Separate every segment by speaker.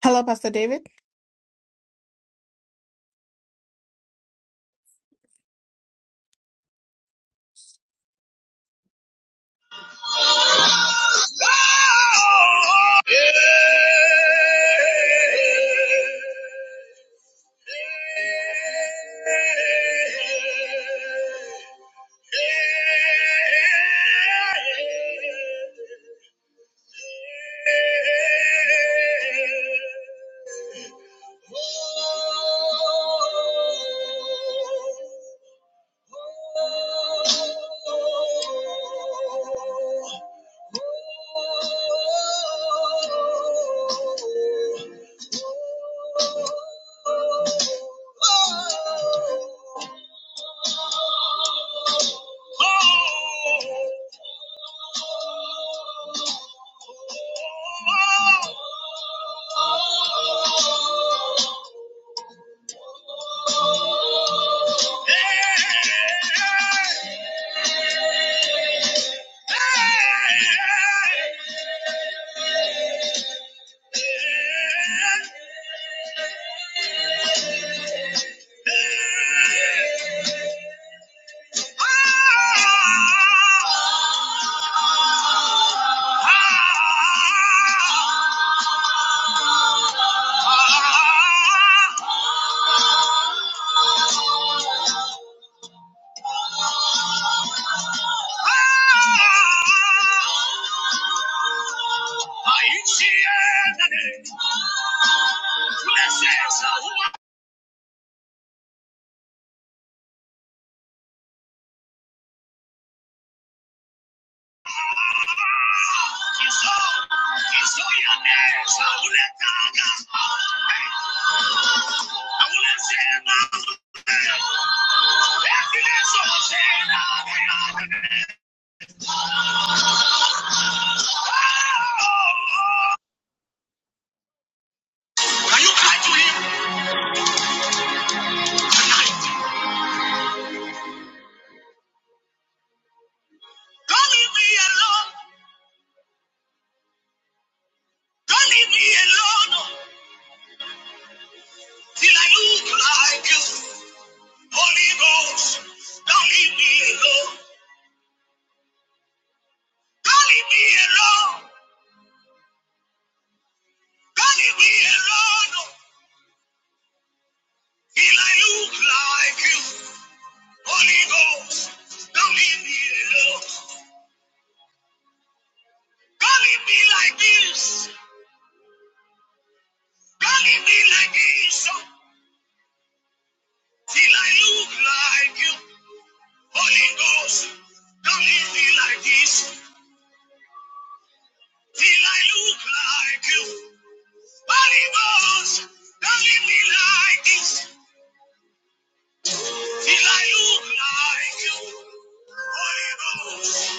Speaker 1: Hello, Pastor David.
Speaker 2: Oh, yeah. Yeah. Blessings are Can you cry to him tonight? Don't leave me alone. Don't leave me alone till I look like you. don't leave me alone. Don't leave me alone. God, if we alone, will I look like you? Holy Ghost, don't leave me alone. God, if me like this, God, if me like this, till I look like you? Holy Ghost, don't leave me like this, till I look like you? Holy Ghost, don't leave me like this, till I look like you? Holy Ghost,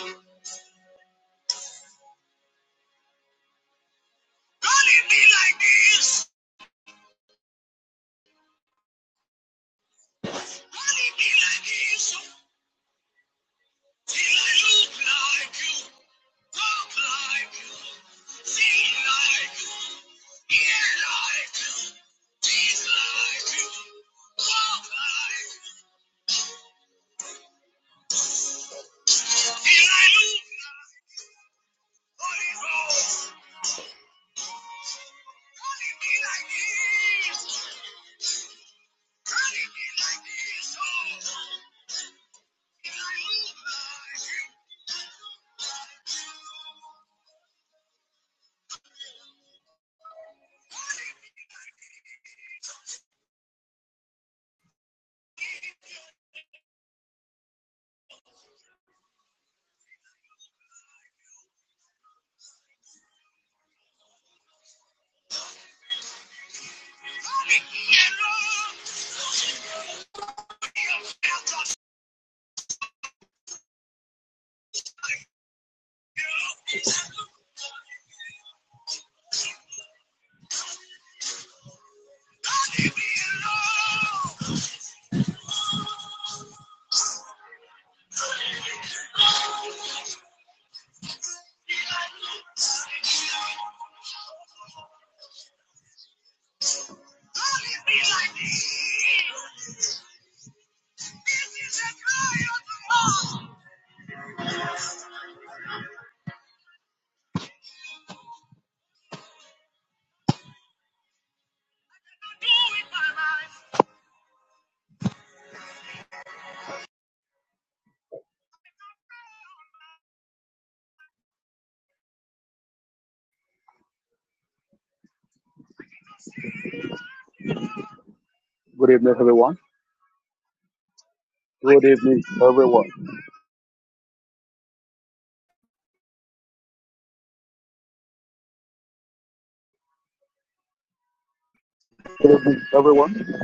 Speaker 2: don't leave me like this. me me alone, you, felt us, you, Don't leave me Alone. Good evening, everyone. Good evening, everyone. Good evening, everyone.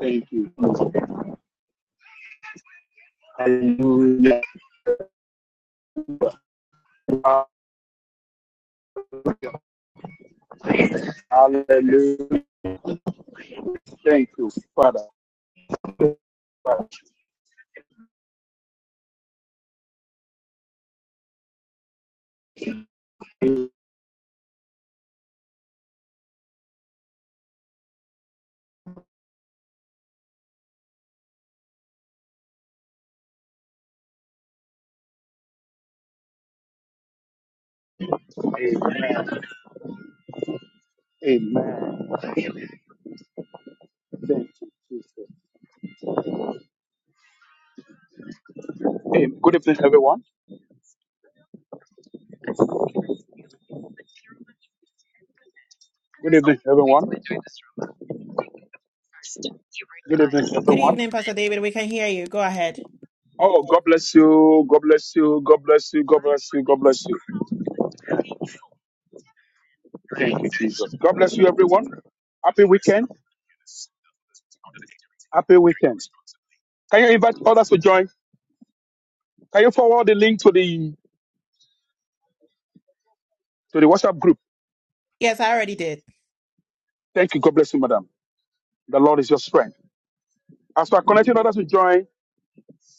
Speaker 2: Thank you. Hallelujah. Hallelujah. Thank you, Father. Amen. Amen. Thank you, Jesus. Good evening, everyone. Good evening, everyone. Good evening,
Speaker 1: Good
Speaker 2: everyone.
Speaker 1: evening, Pastor David. We can hear you. Go ahead.
Speaker 2: Oh, God bless you. God bless you. God bless you. God bless you. God bless you. God bless you, everyone. Happy weekend. Happy weekend. Can you invite others to join? Can you forward the link to the to the WhatsApp group?
Speaker 1: Yes, I already did.
Speaker 2: Thank you. God bless you, madam. The Lord is your strength. As we are connecting others to join,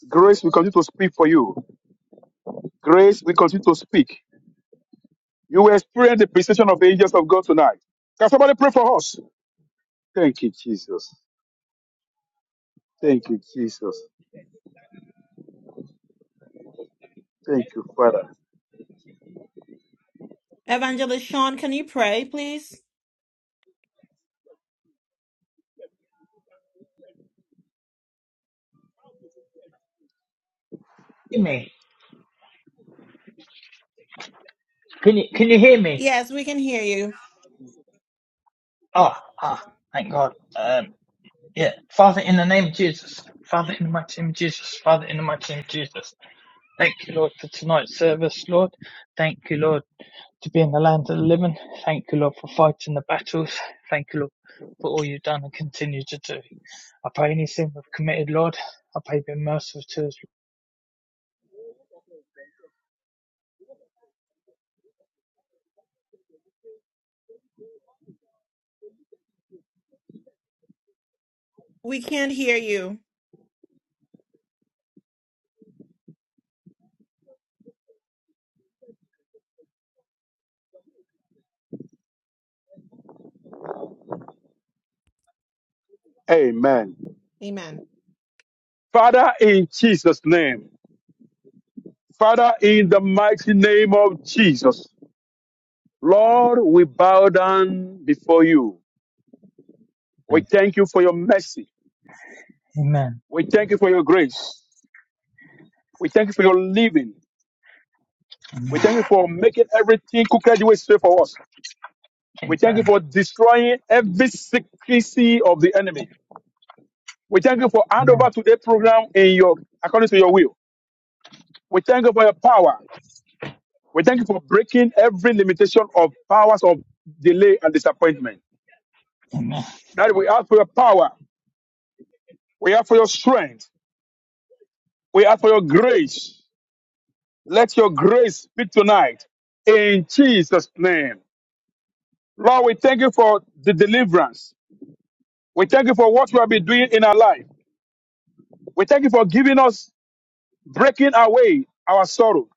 Speaker 2: grace will continue to speak for you. Grace will continue to speak. You will experience the precision of the angels of God tonight. Can somebody pray for us? Thank you, Jesus. Thank you, Jesus. Thank you, Father.
Speaker 1: Evangelist Sean, can you pray, please?
Speaker 3: hear me? Can you can you hear me?
Speaker 1: Yes, we can hear you.
Speaker 3: Ah, ah, thank God. Um, yeah. Father, in the name of Jesus. Father, in the mighty name of Jesus. Father, in the mighty name of Jesus. Thank you, Lord, for tonight's service, Lord. Thank you, Lord, to be in the land of the living. Thank you, Lord, for fighting the battles. Thank you, Lord, for all you've done and continue to do. I pray any sin we've committed, Lord. I pray be merciful to us.
Speaker 1: We can't hear you.
Speaker 2: Amen.
Speaker 1: Amen.
Speaker 2: Father, in Jesus' name. Father, in the mighty name of Jesus. Lord, we bow down before you. We thank you for your mercy.
Speaker 3: Amen.
Speaker 2: We thank you for your grace. We thank you for your living. We thank
Speaker 3: Amen.
Speaker 2: you for making everything crooked way straight for us. We thank you
Speaker 3: Amen.
Speaker 2: for destroying every secrecy of the enemy. We thank you for hand
Speaker 3: Amen.
Speaker 2: over today's program in your according to your will. We thank you for your power. We thank you for breaking every limitation of powers of delay and disappointment.
Speaker 3: Amen.
Speaker 2: That we ask for your power. We ask for your strength. We ask for your grace. Let your grace speak tonight in Jesus' name. Lord, we thank you for the deliverance. We thank you for what you have been doing in our life. We thank you for giving us, breaking away our sorrow.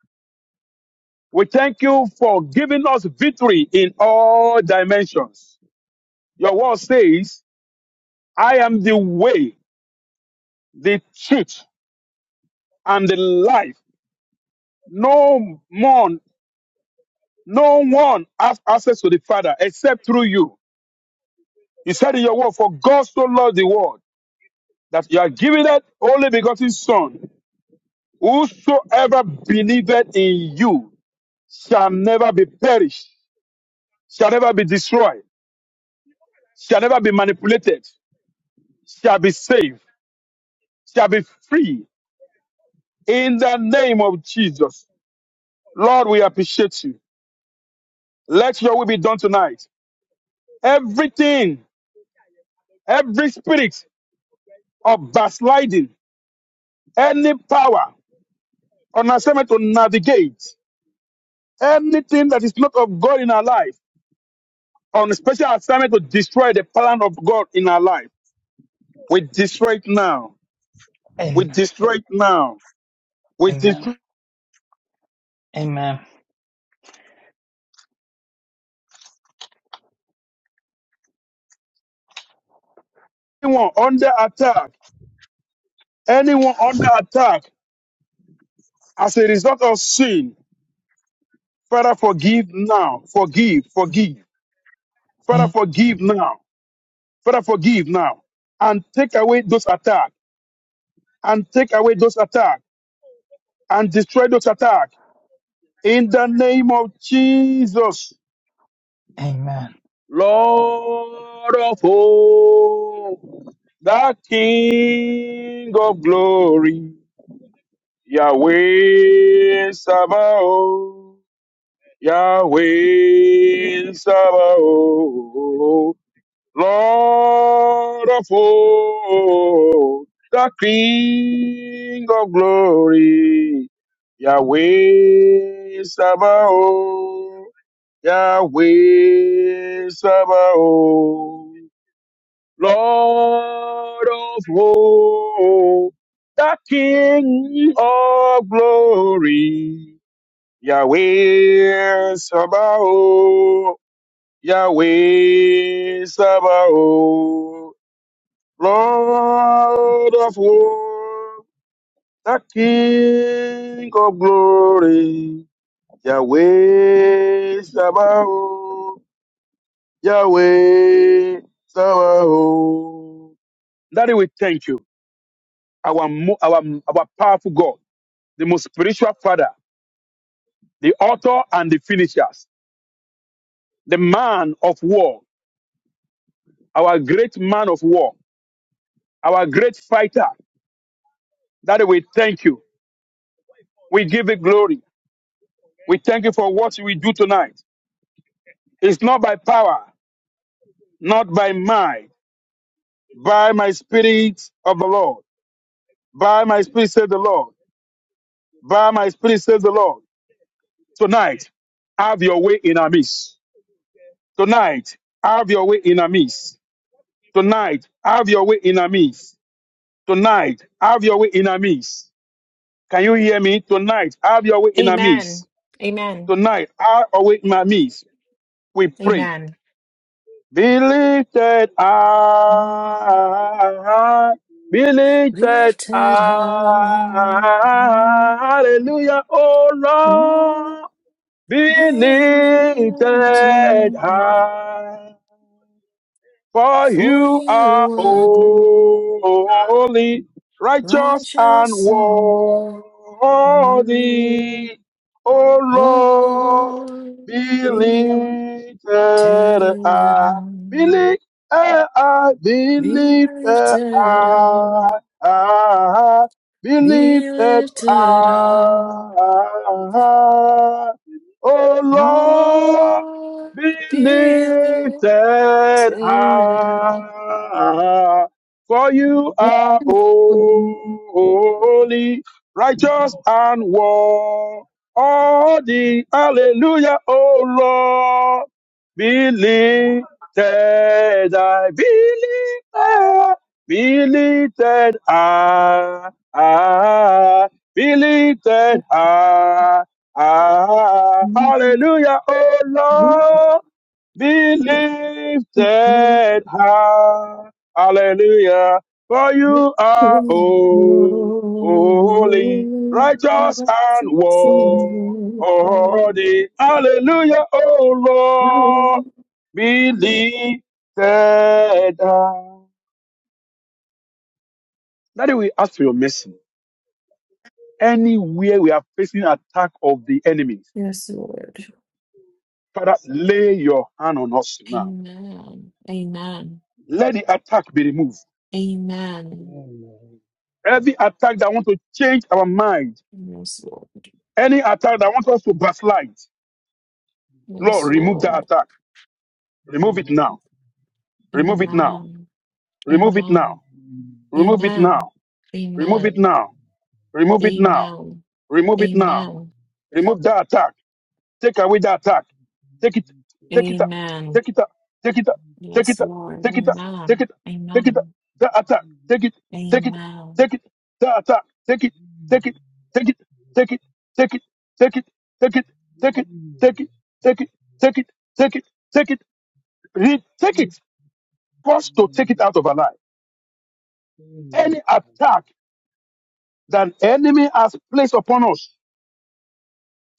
Speaker 2: We thank you for giving us victory in all dimensions. Your word says, I am the way, the truth, and the life. No more No one has access to the Father except through you. He said in your word, For God so loved the world that you are giving that only begotten Son. Whosoever believeth in you shall never be perished, shall never be destroyed, shall never be manipulated, shall be saved, shall be free in the name of Jesus. Lord, we appreciate you. Let your will be done tonight. Everything, every spirit of backsliding, any power on assignment to navigate anything that is not of God in our life, on a special assignment to destroy the plan of God in our life. We destroy it now. We
Speaker 3: Amen.
Speaker 2: destroy it now. We
Speaker 3: Amen.
Speaker 2: destroy
Speaker 3: Amen.
Speaker 2: anyone under attack. Anyone under attack as a result of sin. Father, forgive now. Forgive, forgive. Father, forgive now. Father, forgive now. And take away those attacks. And take away those attacks. And destroy those attacks. In the name of Jesus.
Speaker 3: Amen.
Speaker 2: Lord of hosts, the King of glory, Yahweh Sabaoth, Yahweh Sabaoth, Lord of hosts, the King of glory, Yahweh Sabaoth, Yahweh Sabaoth. Lord of hosts, the King of glory, Yahweh Sabaoth, Yahweh Sabaoth, Lord of hosts, the King of glory, Yahweh Sabaoth, Yahweh Sabaoth. Daddy, we thank you. our, mo- our, our powerful God, the most spiritual Father, the author and the finishers, the man of war, our great man of war, our great fighter. That we thank you. We give you glory. We thank you for what we do tonight. It's not by power, not by might, by my spirit of the Lord. By my spirit, says the Lord. By my spirit, says the Lord. Tonight, have your way in our midst. Tonight, have your way in our midst. Tonight, have your way in our midst. Tonight, have your way in our midst. Can you hear me? Tonight, have your way in our
Speaker 1: Amen.
Speaker 2: midst.
Speaker 1: Amen.
Speaker 2: Tonight, have your way in our midst. We pray.
Speaker 1: Amen.
Speaker 2: Be lifted up. Be lifted up. Hallelujah, oh Lord. Be lifted high. For
Speaker 1: For
Speaker 2: you are
Speaker 1: you are
Speaker 2: holy, righteous and
Speaker 1: glorious and worthy,
Speaker 2: worthy. O Lord,
Speaker 1: oh,
Speaker 2: be
Speaker 1: be
Speaker 2: lifted
Speaker 1: lifted
Speaker 2: up.
Speaker 1: up,
Speaker 2: Be lifted up. Be
Speaker 1: be
Speaker 2: lifted
Speaker 1: lifted up.
Speaker 2: up. Be
Speaker 1: Be
Speaker 2: lifted
Speaker 1: lifted up,
Speaker 2: up. O
Speaker 1: oh Lord,
Speaker 2: be
Speaker 1: be lifted
Speaker 2: lifted
Speaker 1: up.
Speaker 2: high. For you are holy, righteous and worthy. Hallelujah, O Lord. Be lifted high, be lifted, be lifted high, ah, be lifted high. Ah, hallelujah, oh Lord, be lifted high. Hallelujah, for you are ho- holy, righteous and worthy. Hallelujah, oh Lord, be lifted high. Daddy, we ask for your mercy. Anywhere we are facing attack of the enemies,
Speaker 1: Yes, Lord.
Speaker 2: Father, lay your hand on us now.
Speaker 1: Amen. Amen.
Speaker 2: let the attack be removed.
Speaker 4: Amen. Amen.
Speaker 1: Amen.
Speaker 4: Amen.
Speaker 2: Every attack that wants to change our mind,
Speaker 1: Yes, Lord.
Speaker 2: any attack that wants us to backslide, Lord,
Speaker 1: Yes,
Speaker 2: remove that
Speaker 1: Lord.
Speaker 2: attack. Remove it now. Remove it
Speaker 4: Amen.
Speaker 2: now.
Speaker 1: Amen.
Speaker 2: Remove it
Speaker 1: Amen.
Speaker 2: now. Remove it
Speaker 1: Amen.
Speaker 2: now. Remove it
Speaker 1: Amen.
Speaker 2: now. Remove it now.
Speaker 1: Amen.
Speaker 2: Remove it
Speaker 4: Amen.
Speaker 2: now.
Speaker 1: Amen.
Speaker 2: Remove that attack. Take away the attack. Take it. Take it up.
Speaker 1: Amen.
Speaker 2: Take it up. Take it up. Take
Speaker 1: Yes,
Speaker 2: it up.
Speaker 1: Lord.
Speaker 2: Take it up. Take
Speaker 1: Amen.
Speaker 2: it up. Take it up.
Speaker 1: Amen.
Speaker 2: The attack. Take it. Take it.
Speaker 1: Amen.
Speaker 2: Take it. The attack. Take it. Take it. Take it. Take it. Take it. Take it. Take it. Take it. Take it. Take it. Take it. Take it. Take it. Re- Take it. First to take it out of our life. Any attack that an enemy has placed upon us.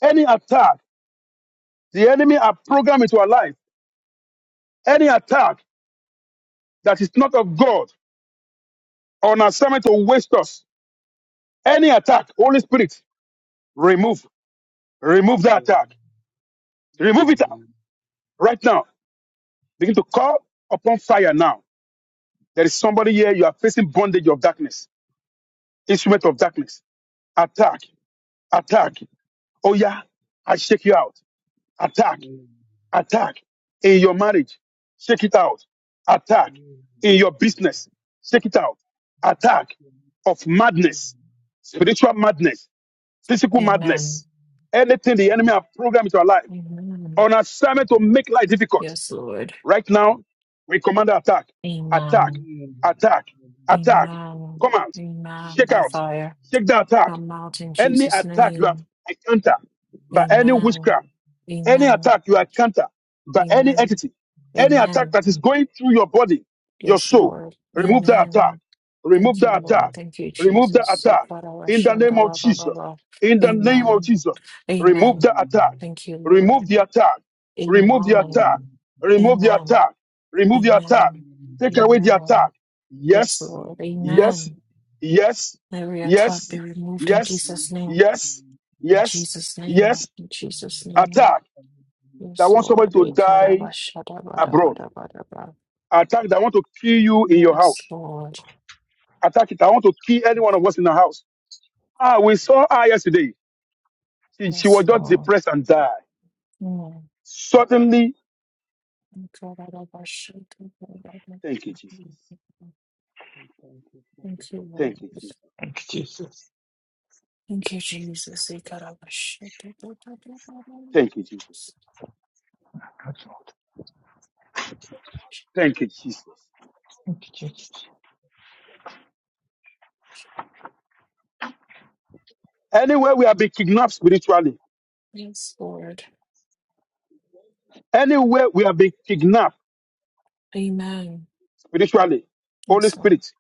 Speaker 2: Any attack the enemy has programmed into our life. Any attack that is not of God on assignment to waste us. Any attack, Holy Spirit, remove, remove that attack. Remove it out right now. Begin to call upon fire now. There is somebody here, you are facing bondage of darkness, instrument of darkness. Attack, attack. Oh yeah, I shake you out. Attack,
Speaker 4: Amen.
Speaker 2: attack. In your marriage, shake it out. Attack. In your business, shake it out. Attack of madness, spiritual madness physical
Speaker 1: Amen.
Speaker 2: madness, anything the enemy have programmed into our life,
Speaker 1: Amen.
Speaker 2: on assignment to make life difficult.
Speaker 1: Yes, Lord.
Speaker 2: Right now, we command attack, attack,
Speaker 1: Amen.
Speaker 2: attack, attack.
Speaker 1: Amen.
Speaker 2: Come out,
Speaker 1: Amen.
Speaker 2: shake
Speaker 1: By
Speaker 2: out,
Speaker 1: fire.
Speaker 2: shake the attack.
Speaker 1: Come out in
Speaker 2: Any
Speaker 1: Jesus'
Speaker 2: attack you have
Speaker 1: name.
Speaker 2: encountered by any
Speaker 1: Amen.
Speaker 2: witchcraft, any
Speaker 1: Amen.
Speaker 2: attack you encounter by any
Speaker 1: Amen.
Speaker 2: entity, any attack
Speaker 1: Amen.
Speaker 2: that is going through your body, your
Speaker 1: Yes,
Speaker 2: soul,
Speaker 1: Lord.
Speaker 2: remove that attack.
Speaker 1: Amen.
Speaker 2: Remove
Speaker 1: Thank you,
Speaker 2: that
Speaker 1: Lord.
Speaker 2: attack.
Speaker 1: Thank you,
Speaker 2: Remove that
Speaker 1: Jesus.
Speaker 2: attack. In the name of Jesus.
Speaker 1: Ba-da-ba-shan-da-la-ba-ba-ba.
Speaker 2: In the name of
Speaker 1: Amen.
Speaker 2: Jesus. Remove
Speaker 1: Amen.
Speaker 2: the attack.
Speaker 1: Thank you, Lord.
Speaker 2: Remove the attack. Remove the
Speaker 1: Amen.
Speaker 2: attack. Remove the
Speaker 1: Amen.
Speaker 2: attack. Remove the attack.
Speaker 1: Amen.
Speaker 2: Take away the
Speaker 1: Amen.
Speaker 2: attack.
Speaker 1: Yes,
Speaker 2: Yes.
Speaker 1: Lord.
Speaker 2: Yes.
Speaker 1: Amen.
Speaker 2: Yes.
Speaker 1: Every attack
Speaker 2: Yes.
Speaker 1: be removed in
Speaker 2: Yes.
Speaker 1: Jesus'
Speaker 4: Amen.
Speaker 2: Yes.
Speaker 1: name.
Speaker 2: Yes.
Speaker 1: In
Speaker 4: Amen.
Speaker 2: Yes.
Speaker 1: Jesus' name.
Speaker 2: yes.
Speaker 1: In Jesus' name.
Speaker 2: Attack that
Speaker 1: Yes,
Speaker 2: want somebody
Speaker 1: Lord.
Speaker 2: to
Speaker 1: ikara
Speaker 2: die
Speaker 1: ba sha da
Speaker 2: abroad. Attack that want to kill you in your
Speaker 1: Yes,
Speaker 2: house.
Speaker 1: Lord.
Speaker 2: Attack it. I want to kill any one of us in the house. Ah, we saw her yesterday. She, she
Speaker 1: Yes,
Speaker 2: was just
Speaker 1: Lord.
Speaker 2: depressed and died.
Speaker 1: Mm.
Speaker 2: Suddenly,
Speaker 1: ikara
Speaker 2: thank you, Jesus.
Speaker 4: We thank you for
Speaker 1: Thank
Speaker 4: the
Speaker 1: you,
Speaker 2: Thank you,
Speaker 1: Lord.
Speaker 2: Jesus.
Speaker 3: Thank you, Jesus.
Speaker 1: Thank you, Jesus. We got all the shit.
Speaker 2: Thank you, Jesus. Thank you, Jesus.
Speaker 3: Thank you, Jesus.
Speaker 2: Anywhere we have been kidnapped spiritually,
Speaker 1: Yes, Lord.
Speaker 2: anywhere we have been kidnapped
Speaker 1: Amen.
Speaker 2: spiritually, Holy
Speaker 1: Yes, Lord.
Speaker 2: Spirit,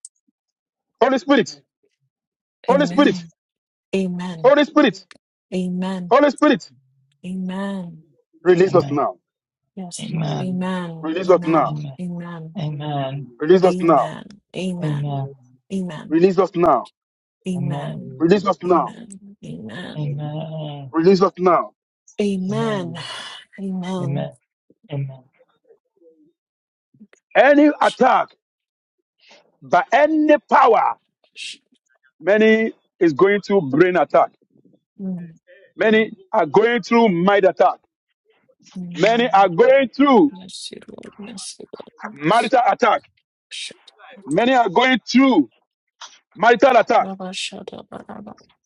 Speaker 2: Holy Spirit,
Speaker 4: blessing.
Speaker 2: Holy Spirit,
Speaker 1: Amen. Amen.
Speaker 2: Holy Spirit,
Speaker 1: Amen.
Speaker 2: Holy Spirit,
Speaker 1: Amen.
Speaker 4: Amen.
Speaker 2: release us
Speaker 3: Amen.
Speaker 2: now.
Speaker 1: Yes,
Speaker 4: Amen.
Speaker 1: Lord.
Speaker 3: Amen.
Speaker 4: Amen.
Speaker 1: Amen.
Speaker 2: Release us now.
Speaker 1: Amen.
Speaker 3: Amen.
Speaker 1: Amen.
Speaker 4: Amen.
Speaker 3: Amen.
Speaker 2: Release us now.
Speaker 1: Amen. Amen.
Speaker 3: Amen.
Speaker 1: Amen.
Speaker 2: Release us now.
Speaker 3: Amen.
Speaker 1: Amen.
Speaker 4: Amen.
Speaker 2: Release us
Speaker 1: Amen.
Speaker 2: now.
Speaker 3: Amen.
Speaker 1: Amen.
Speaker 4: Amen.
Speaker 3: Amen.
Speaker 2: Release us now.
Speaker 3: Amen.
Speaker 1: Amen.
Speaker 4: Amen. Amen.
Speaker 1: Amen.
Speaker 3: Amen. Amen.
Speaker 2: Any attack by any power, many is going through brain attack.
Speaker 1: Mm,
Speaker 2: Many are going through mind attack. Many
Speaker 1: Amen.
Speaker 2: are going through
Speaker 1: Yes, Lord. Yes, Lord. Yes.
Speaker 2: marital attack.
Speaker 1: Shut up,
Speaker 2: Many are going through marital attack.
Speaker 1: shut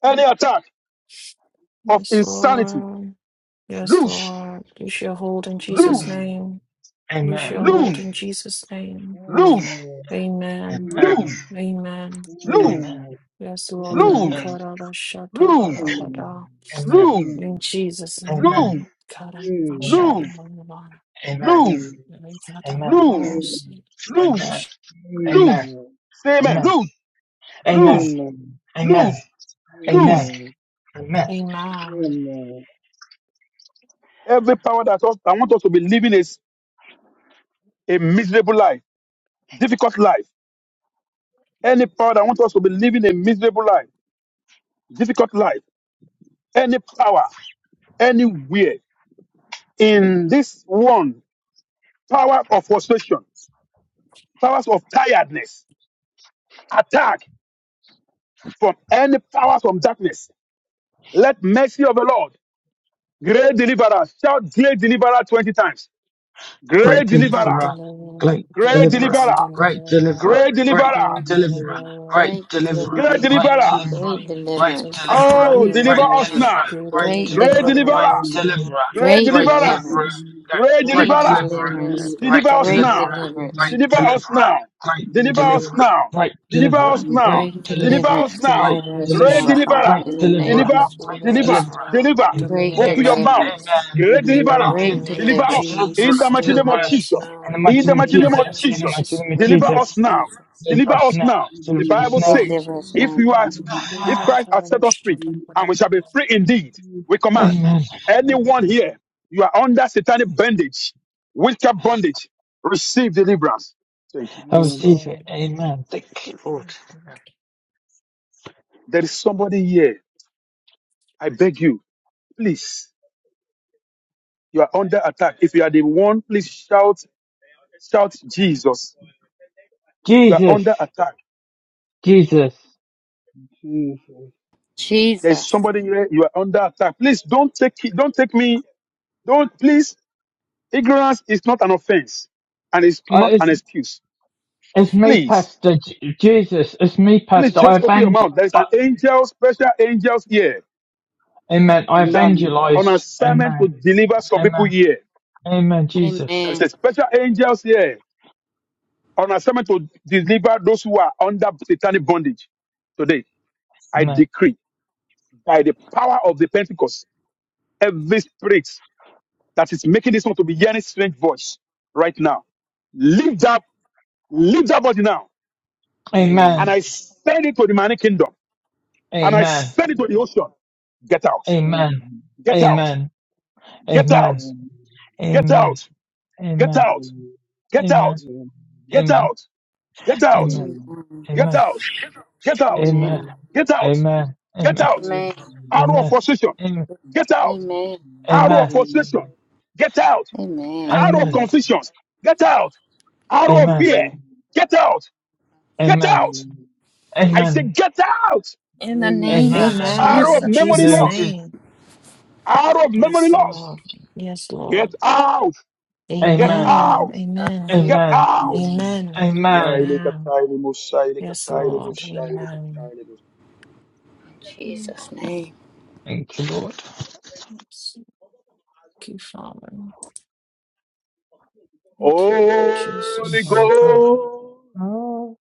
Speaker 2: Any attack of
Speaker 1: Yes,
Speaker 2: insanity.
Speaker 1: Lord. Yes,
Speaker 2: Lose,
Speaker 1: Lord. Loose your hold in
Speaker 2: lose,
Speaker 1: Jesus' name. Loose
Speaker 3: Amen.
Speaker 1: your hold
Speaker 2: lose,
Speaker 1: in Jesus' name.
Speaker 2: lose,
Speaker 1: Amen. Amen.
Speaker 2: lose,
Speaker 3: Amen.
Speaker 1: Yes,
Speaker 3: Amen. Amen. Amen.
Speaker 1: Lord.
Speaker 3: Amen.
Speaker 2: lose,
Speaker 1: Ikaraba shata
Speaker 2: lose,
Speaker 1: barabada.
Speaker 3: Amen. Amen.
Speaker 2: lose,
Speaker 1: In Jesus'
Speaker 3: Amen.
Speaker 2: lose,
Speaker 1: name. Ikaraba
Speaker 2: lose,
Speaker 1: shanda
Speaker 3: Amen.
Speaker 2: lose,
Speaker 1: barabada. Ikaraba shanda
Speaker 2: lose, lose, lose,
Speaker 1: barabada.
Speaker 2: lose. Say amen. Lose,
Speaker 3: Amen.
Speaker 2: lose.
Speaker 3: Amen. Amen.
Speaker 2: Lose,
Speaker 3: Amen.
Speaker 2: lose
Speaker 3: Amen.
Speaker 1: Amen.
Speaker 2: every power that, us, that wants us to be living is a miserable life, difficult life. Any power that wants us to be living a miserable life, difficult life. Any power, anywhere in this one, power of frustration, powers of tiredness, attack from any powers from darkness. Let mercy of the Lord, great deliverer, shout great deliverer 20 times. Great
Speaker 3: Great
Speaker 2: deliverer,
Speaker 1: Glory to
Speaker 3: Deliverer,
Speaker 1: the Lord.
Speaker 3: great
Speaker 2: great
Speaker 1: Glory
Speaker 3: Deliverer,
Speaker 1: to
Speaker 2: deliverer,
Speaker 3: great Deliverer,
Speaker 2: great
Speaker 3: great
Speaker 1: Good
Speaker 2: deliverer,
Speaker 3: Deliverer,
Speaker 1: deliverer,
Speaker 3: great
Speaker 5: Great
Speaker 3: Deliverer,
Speaker 1: good
Speaker 2: great
Speaker 4: Amen.
Speaker 5: deliverance.
Speaker 3: great
Speaker 2: deliverer.
Speaker 1: deliverer, in
Speaker 3: Deliverer,
Speaker 1: the
Speaker 5: Great
Speaker 1: name of
Speaker 3: great
Speaker 1: Jesus,
Speaker 5: deliverance.
Speaker 1: good
Speaker 3: Deliverer,
Speaker 4: Amen. Amen. Amen.
Speaker 2: Oh,
Speaker 5: Great
Speaker 2: deliver
Speaker 3: great
Speaker 4: Amen.
Speaker 1: deliverer,
Speaker 2: us
Speaker 5: deliverance.
Speaker 2: now.
Speaker 3: Deliverer,
Speaker 1: good
Speaker 3: great
Speaker 5: Great
Speaker 1: deliverer,
Speaker 2: Great
Speaker 3: Deliverer,
Speaker 5: deliverance.
Speaker 3: great
Speaker 1: deliver
Speaker 2: deliverer.
Speaker 1: us
Speaker 4: Jesus,
Speaker 1: now.
Speaker 3: Deliverer,
Speaker 2: Great
Speaker 5: Great
Speaker 3: great
Speaker 2: deliverer.
Speaker 3: Deliverer,
Speaker 4: Jesus,
Speaker 5: deliverance.
Speaker 2: Great
Speaker 3: great
Speaker 5: Great
Speaker 1: Good
Speaker 2: deliverer.
Speaker 4: yeah, yeah,
Speaker 3: Deliverer,
Speaker 1: deliverer,
Speaker 4: yeah,
Speaker 5: deliverance.
Speaker 1: great
Speaker 3: great
Speaker 2: Deliver us
Speaker 5: Great
Speaker 2: now.
Speaker 3: Deliverer,
Speaker 1: deliverer,
Speaker 4: yeah, yeah, yeah,
Speaker 3: great
Speaker 5: deliverance.
Speaker 2: Deliver us
Speaker 3: Deliverer,
Speaker 2: now.
Speaker 3: great
Speaker 2: Deliver us
Speaker 3: Deliverer,
Speaker 2: now.
Speaker 3: great
Speaker 2: Deliver
Speaker 3: Deliverer,
Speaker 2: us now.
Speaker 3: great
Speaker 5: Great
Speaker 2: Deliver
Speaker 3: Deliverer,
Speaker 2: us
Speaker 5: deliverance.
Speaker 1: we
Speaker 2: now.
Speaker 3: great
Speaker 1: God, I
Speaker 5: Deliver us
Speaker 1: must
Speaker 2: Great
Speaker 5: now,
Speaker 3: Deliverer.
Speaker 1: shout out, of
Speaker 5: Father,
Speaker 1: our
Speaker 2: deliverer.
Speaker 3: great
Speaker 1: shadow.
Speaker 5: in the name
Speaker 3: deliverer,
Speaker 1: deliver
Speaker 2: Deliver,
Speaker 5: of
Speaker 1: us,
Speaker 3: great
Speaker 1: deliver
Speaker 2: deliver,
Speaker 1: us
Speaker 5: Jesus.
Speaker 3: deliverer,
Speaker 2: deliver.
Speaker 1: now,
Speaker 3: and
Speaker 5: Great
Speaker 1: deliver
Speaker 2: Open your
Speaker 3: Amen.
Speaker 1: us
Speaker 2: mouth.
Speaker 1: now.
Speaker 5: deliverance.
Speaker 3: Amen.
Speaker 2: Great
Speaker 1: In the
Speaker 2: deliverer.
Speaker 1: mighty
Speaker 5: Great
Speaker 3: Jesus,
Speaker 1: name
Speaker 2: Deliver
Speaker 1: of
Speaker 3: my
Speaker 2: us
Speaker 5: deliverance.
Speaker 3: deliverer,
Speaker 2: in the
Speaker 1: Jesus,
Speaker 2: mighty name
Speaker 3: deliver
Speaker 2: of
Speaker 1: deliver
Speaker 3: us
Speaker 1: us
Speaker 2: Jesus.
Speaker 1: now,
Speaker 3: in the
Speaker 1: in the
Speaker 2: In
Speaker 3: mighty
Speaker 2: the
Speaker 3: name of
Speaker 1: mighty
Speaker 2: mighty name
Speaker 1: name
Speaker 2: of
Speaker 1: of
Speaker 3: Jesus, in the
Speaker 2: Jesus.
Speaker 3: mighty
Speaker 1: Jesus.
Speaker 5: Deliverance
Speaker 3: name
Speaker 5: in the
Speaker 3: of
Speaker 2: Deliver
Speaker 5: name of
Speaker 2: us
Speaker 3: Jesus.
Speaker 2: now.
Speaker 5: Jesus.
Speaker 3: Deliver
Speaker 2: Deliver
Speaker 3: us
Speaker 2: us
Speaker 3: now,
Speaker 2: now. The
Speaker 3: deliver us
Speaker 2: Bible
Speaker 3: now.
Speaker 2: says,
Speaker 5: Deliver us
Speaker 2: if
Speaker 5: now,
Speaker 2: you
Speaker 5: God.
Speaker 2: are, if Christ has set us free, and we shall be free indeed, we command
Speaker 3: Amen.
Speaker 2: anyone here, you are under satanic bondage Witchcraft bondage, receive deliverance. Thank you,
Speaker 3: I
Speaker 1: Yes,
Speaker 3: receive
Speaker 2: Jesus.
Speaker 3: it.
Speaker 1: Lord.
Speaker 3: Amen. Thank you, Lord.
Speaker 2: There is somebody here. I beg you, please. You are under attack. If you are the one, please shout, shout Jesus. You are
Speaker 3: Jesus,
Speaker 2: under attack.
Speaker 3: Jesus.
Speaker 2: There is
Speaker 5: Jesus.
Speaker 2: somebody here. You are under attack. Please don't take it. Don't take me. Don't please. Ignorance is not an offense, and it's
Speaker 3: Uh,
Speaker 2: not
Speaker 3: it's,
Speaker 2: an excuse.
Speaker 3: it's me,
Speaker 2: Please,
Speaker 3: Pastor. J- Jesus, it's me,
Speaker 2: please
Speaker 3: Pastor. I
Speaker 2: just open your
Speaker 3: evangel.
Speaker 2: mouth. There is
Speaker 3: Uh,
Speaker 2: an angel, special angels here
Speaker 3: amen. I
Speaker 2: that on
Speaker 3: evangelize.
Speaker 2: assignment to
Speaker 3: Amen.
Speaker 2: deliver some people
Speaker 3: Amen.
Speaker 2: here.
Speaker 3: Amen.
Speaker 2: There
Speaker 3: Jesus.
Speaker 2: is
Speaker 5: Amen.
Speaker 2: a special angels here on assignment to deliver those who are under satanic bondage. Today, I
Speaker 3: Amen.
Speaker 2: decree by the power of the Pentecost, every spirit that is making this one to be hearing strange voice right now, Lift up, lift that body now,
Speaker 3: Amen.
Speaker 2: and I send it to the manic kingdom, and I
Speaker 3: Amen.
Speaker 2: send it to the ocean. Get out,
Speaker 3: Amen.
Speaker 2: get out,
Speaker 3: Amen.
Speaker 2: get out,
Speaker 3: Amen.
Speaker 2: get
Speaker 3: Amen.
Speaker 2: out, get
Speaker 3: Amen.
Speaker 2: out, get
Speaker 3: Amen.
Speaker 2: out, get
Speaker 3: Amen.
Speaker 2: out, get out,
Speaker 3: Amen.
Speaker 5: Amen.
Speaker 2: get
Speaker 3: Amen.
Speaker 2: out, get out,
Speaker 3: Amen.
Speaker 5: Amen.
Speaker 2: get out,
Speaker 3: Amen.
Speaker 2: get
Speaker 3: Amen.
Speaker 2: out,
Speaker 5: Amen.
Speaker 2: arrow of
Speaker 3: Amen.
Speaker 2: frustration,
Speaker 3: Amen.
Speaker 2: get out,
Speaker 5: Amen.
Speaker 2: Arrow
Speaker 3: Amen.
Speaker 2: of
Speaker 4: yeah, yeah.
Speaker 2: frustration, get out.
Speaker 5: Amen.
Speaker 2: Arrow of
Speaker 3: Amen.
Speaker 4: yeah,
Speaker 2: confusions, get out.
Speaker 4: yeah,
Speaker 2: Arrow of
Speaker 3: Amen.
Speaker 2: fear,
Speaker 4: yeah.
Speaker 2: get out. Get
Speaker 3: Amen.
Speaker 2: out.
Speaker 4: Amen.
Speaker 2: I say,
Speaker 3: Amen.
Speaker 2: get out.
Speaker 5: In the name
Speaker 4: Amen.
Speaker 5: of
Speaker 3: Amen.
Speaker 1: Amen.
Speaker 2: Arrow
Speaker 5: Jesus.
Speaker 2: of
Speaker 1: In
Speaker 3: In the
Speaker 2: memory
Speaker 1: Jesus'
Speaker 3: name of
Speaker 2: loss,
Speaker 3: Jesus.
Speaker 1: name.
Speaker 2: arrow of memory
Speaker 1: Yes, Lord.
Speaker 2: loss,
Speaker 1: Yes,
Speaker 2: get
Speaker 1: Lord.
Speaker 2: out.
Speaker 5: In
Speaker 2: Get
Speaker 3: Amen.
Speaker 1: Amen.
Speaker 2: out.
Speaker 4: Amen.
Speaker 5: the name
Speaker 1: Amen.
Speaker 5: Of Jesus.
Speaker 2: Get
Speaker 3: Amen.
Speaker 2: out.
Speaker 4: Amen.
Speaker 1: Amen.
Speaker 3: Amen.
Speaker 2: Yaile
Speaker 1: Amen.
Speaker 5: In
Speaker 2: kataile
Speaker 5: the name
Speaker 2: mosaile
Speaker 1: Yes,
Speaker 5: of
Speaker 2: kataile
Speaker 5: Jesus.
Speaker 1: Lord.
Speaker 5: Get
Speaker 2: mosaile
Speaker 5: out.
Speaker 1: Amen.
Speaker 2: kataile mosaile.
Speaker 5: In
Speaker 1: Mm,
Speaker 5: Jesus' name.
Speaker 3: Thank you, Lord.
Speaker 1: Yes. Thank you, Father. Thank you,
Speaker 2: Holy
Speaker 3: Thank
Speaker 1: Jesus.
Speaker 3: you, Father.
Speaker 2: Ghost,
Speaker 3: Oh,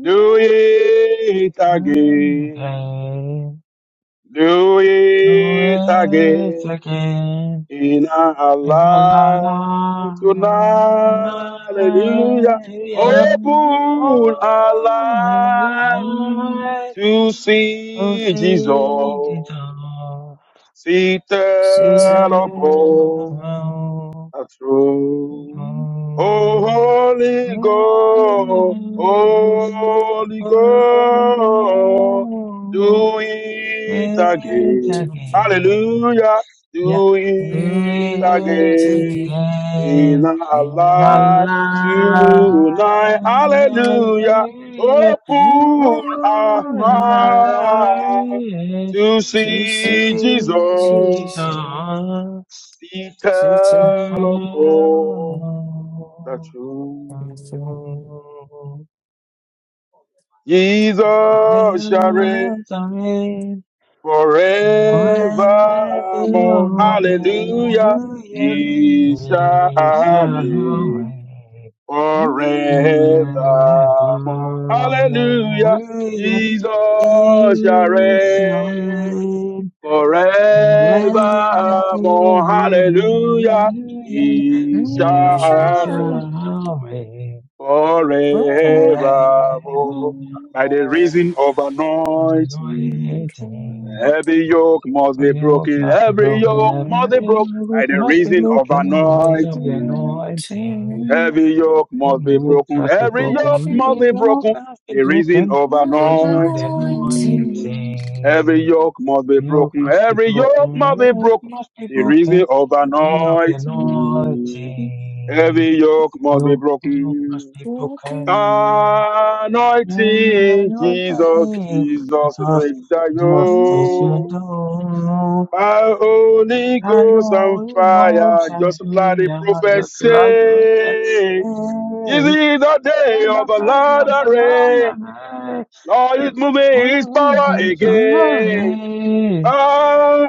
Speaker 2: do it again,
Speaker 3: okay.
Speaker 2: do it
Speaker 3: Oh, it's
Speaker 2: again.
Speaker 3: again.
Speaker 2: in our
Speaker 3: Like
Speaker 1: mm,
Speaker 3: La
Speaker 2: life
Speaker 3: la
Speaker 2: tonight.
Speaker 3: la
Speaker 2: Hallelujah.
Speaker 3: la.
Speaker 1: mm,
Speaker 2: Open our
Speaker 3: On the
Speaker 2: life
Speaker 1: mm.
Speaker 3: light
Speaker 2: to
Speaker 3: will
Speaker 2: see
Speaker 3: see
Speaker 2: Jesus
Speaker 3: the
Speaker 2: seated
Speaker 1: Sit
Speaker 3: vision
Speaker 1: down,
Speaker 2: upon
Speaker 3: of
Speaker 1: upon.
Speaker 3: our
Speaker 2: through.
Speaker 1: Mm,
Speaker 3: home.
Speaker 2: Oh, Holy
Speaker 3: On the
Speaker 2: Ghost,
Speaker 1: mm,
Speaker 3: loose,
Speaker 1: mm.
Speaker 2: Holy
Speaker 3: Holy
Speaker 2: Ghost,
Speaker 3: Ghost,
Speaker 2: do it
Speaker 3: it
Speaker 2: again.
Speaker 1: Something.
Speaker 3: again.
Speaker 2: Hallelujah,
Speaker 3: Yeah,
Speaker 2: do
Speaker 1: Do
Speaker 3: do
Speaker 2: it
Speaker 1: it
Speaker 3: it
Speaker 2: again
Speaker 1: again.
Speaker 2: in
Speaker 3: again.
Speaker 2: our
Speaker 3: Now,
Speaker 1: Amen.
Speaker 2: life tonight. Hallelujah,
Speaker 3: hallelujah.
Speaker 2: open our
Speaker 1: Nothing more
Speaker 2: heart to
Speaker 1: to
Speaker 2: see
Speaker 1: see Jesus
Speaker 2: Jesus tell of
Speaker 1: seated
Speaker 2: all
Speaker 1: on
Speaker 2: the truth.
Speaker 1: the throne.
Speaker 2: Jesus shall reign forevermore. Hallelujah. He shall reign forevermore. Hallelujah. Jesus shall reign
Speaker 3: Hallelujah. Hallelujah.
Speaker 2: forevermore. Hallelujah. He
Speaker 1: We
Speaker 3: He
Speaker 2: shall
Speaker 1: shall
Speaker 2: reign
Speaker 3: shall reign
Speaker 1: forever
Speaker 2: forevermore. By the
Speaker 3: forevermore.
Speaker 2: reason of anointing,
Speaker 3: Anointing.
Speaker 2: every yoke must
Speaker 3: When
Speaker 2: be
Speaker 3: you look
Speaker 2: broken.
Speaker 3: past the
Speaker 2: Every
Speaker 3: broken,
Speaker 2: yoke must be
Speaker 3: when
Speaker 2: broken
Speaker 3: you
Speaker 2: by
Speaker 3: look
Speaker 2: the
Speaker 3: past the
Speaker 2: reason of
Speaker 3: broken, raise up the
Speaker 2: anointing.
Speaker 3: anointing.
Speaker 1: Looking
Speaker 2: Every yoke
Speaker 3: When
Speaker 2: must
Speaker 3: you
Speaker 2: be
Speaker 3: look
Speaker 2: broken.
Speaker 3: past the
Speaker 2: Every yoke
Speaker 3: broken, when you
Speaker 2: must be
Speaker 3: look
Speaker 2: broken.
Speaker 3: past the
Speaker 2: The reason
Speaker 3: broken,
Speaker 2: of
Speaker 1: of
Speaker 3: raise up the
Speaker 2: anointing.
Speaker 1: anointing.
Speaker 2: Every
Speaker 3: anointing.
Speaker 2: yoke must be
Speaker 3: Milk
Speaker 2: broken.
Speaker 3: must be
Speaker 2: Every yoke
Speaker 3: broken,
Speaker 2: must be
Speaker 3: milk
Speaker 2: broken.
Speaker 3: must be
Speaker 2: The
Speaker 3: broken.
Speaker 2: reason of
Speaker 3: Dream of the
Speaker 2: anointing.
Speaker 3: naughty,
Speaker 2: Every yoke must be
Speaker 3: you hope
Speaker 2: broken.
Speaker 3: most people
Speaker 1: Walking.
Speaker 3: come. And
Speaker 2: Anointing,
Speaker 3: your
Speaker 2: Jesus,
Speaker 3: day,
Speaker 2: Jesus,
Speaker 3: just,
Speaker 2: break the
Speaker 3: just as you
Speaker 2: yoke.
Speaker 1: in
Speaker 3: do.
Speaker 2: My Holy
Speaker 3: I
Speaker 2: Ghost and
Speaker 3: know evokes
Speaker 2: fire,
Speaker 3: and
Speaker 2: just like
Speaker 3: dreams
Speaker 2: the
Speaker 3: of
Speaker 2: prophet
Speaker 3: like that.
Speaker 2: say. This
Speaker 3: Hey,
Speaker 2: is the
Speaker 3: there's
Speaker 2: day of
Speaker 3: a
Speaker 2: the
Speaker 3: sign
Speaker 2: Lord
Speaker 3: of the light
Speaker 2: array.
Speaker 3: of day.
Speaker 2: Lord is moving His
Speaker 3: What is
Speaker 2: power
Speaker 3: it? A
Speaker 2: again. By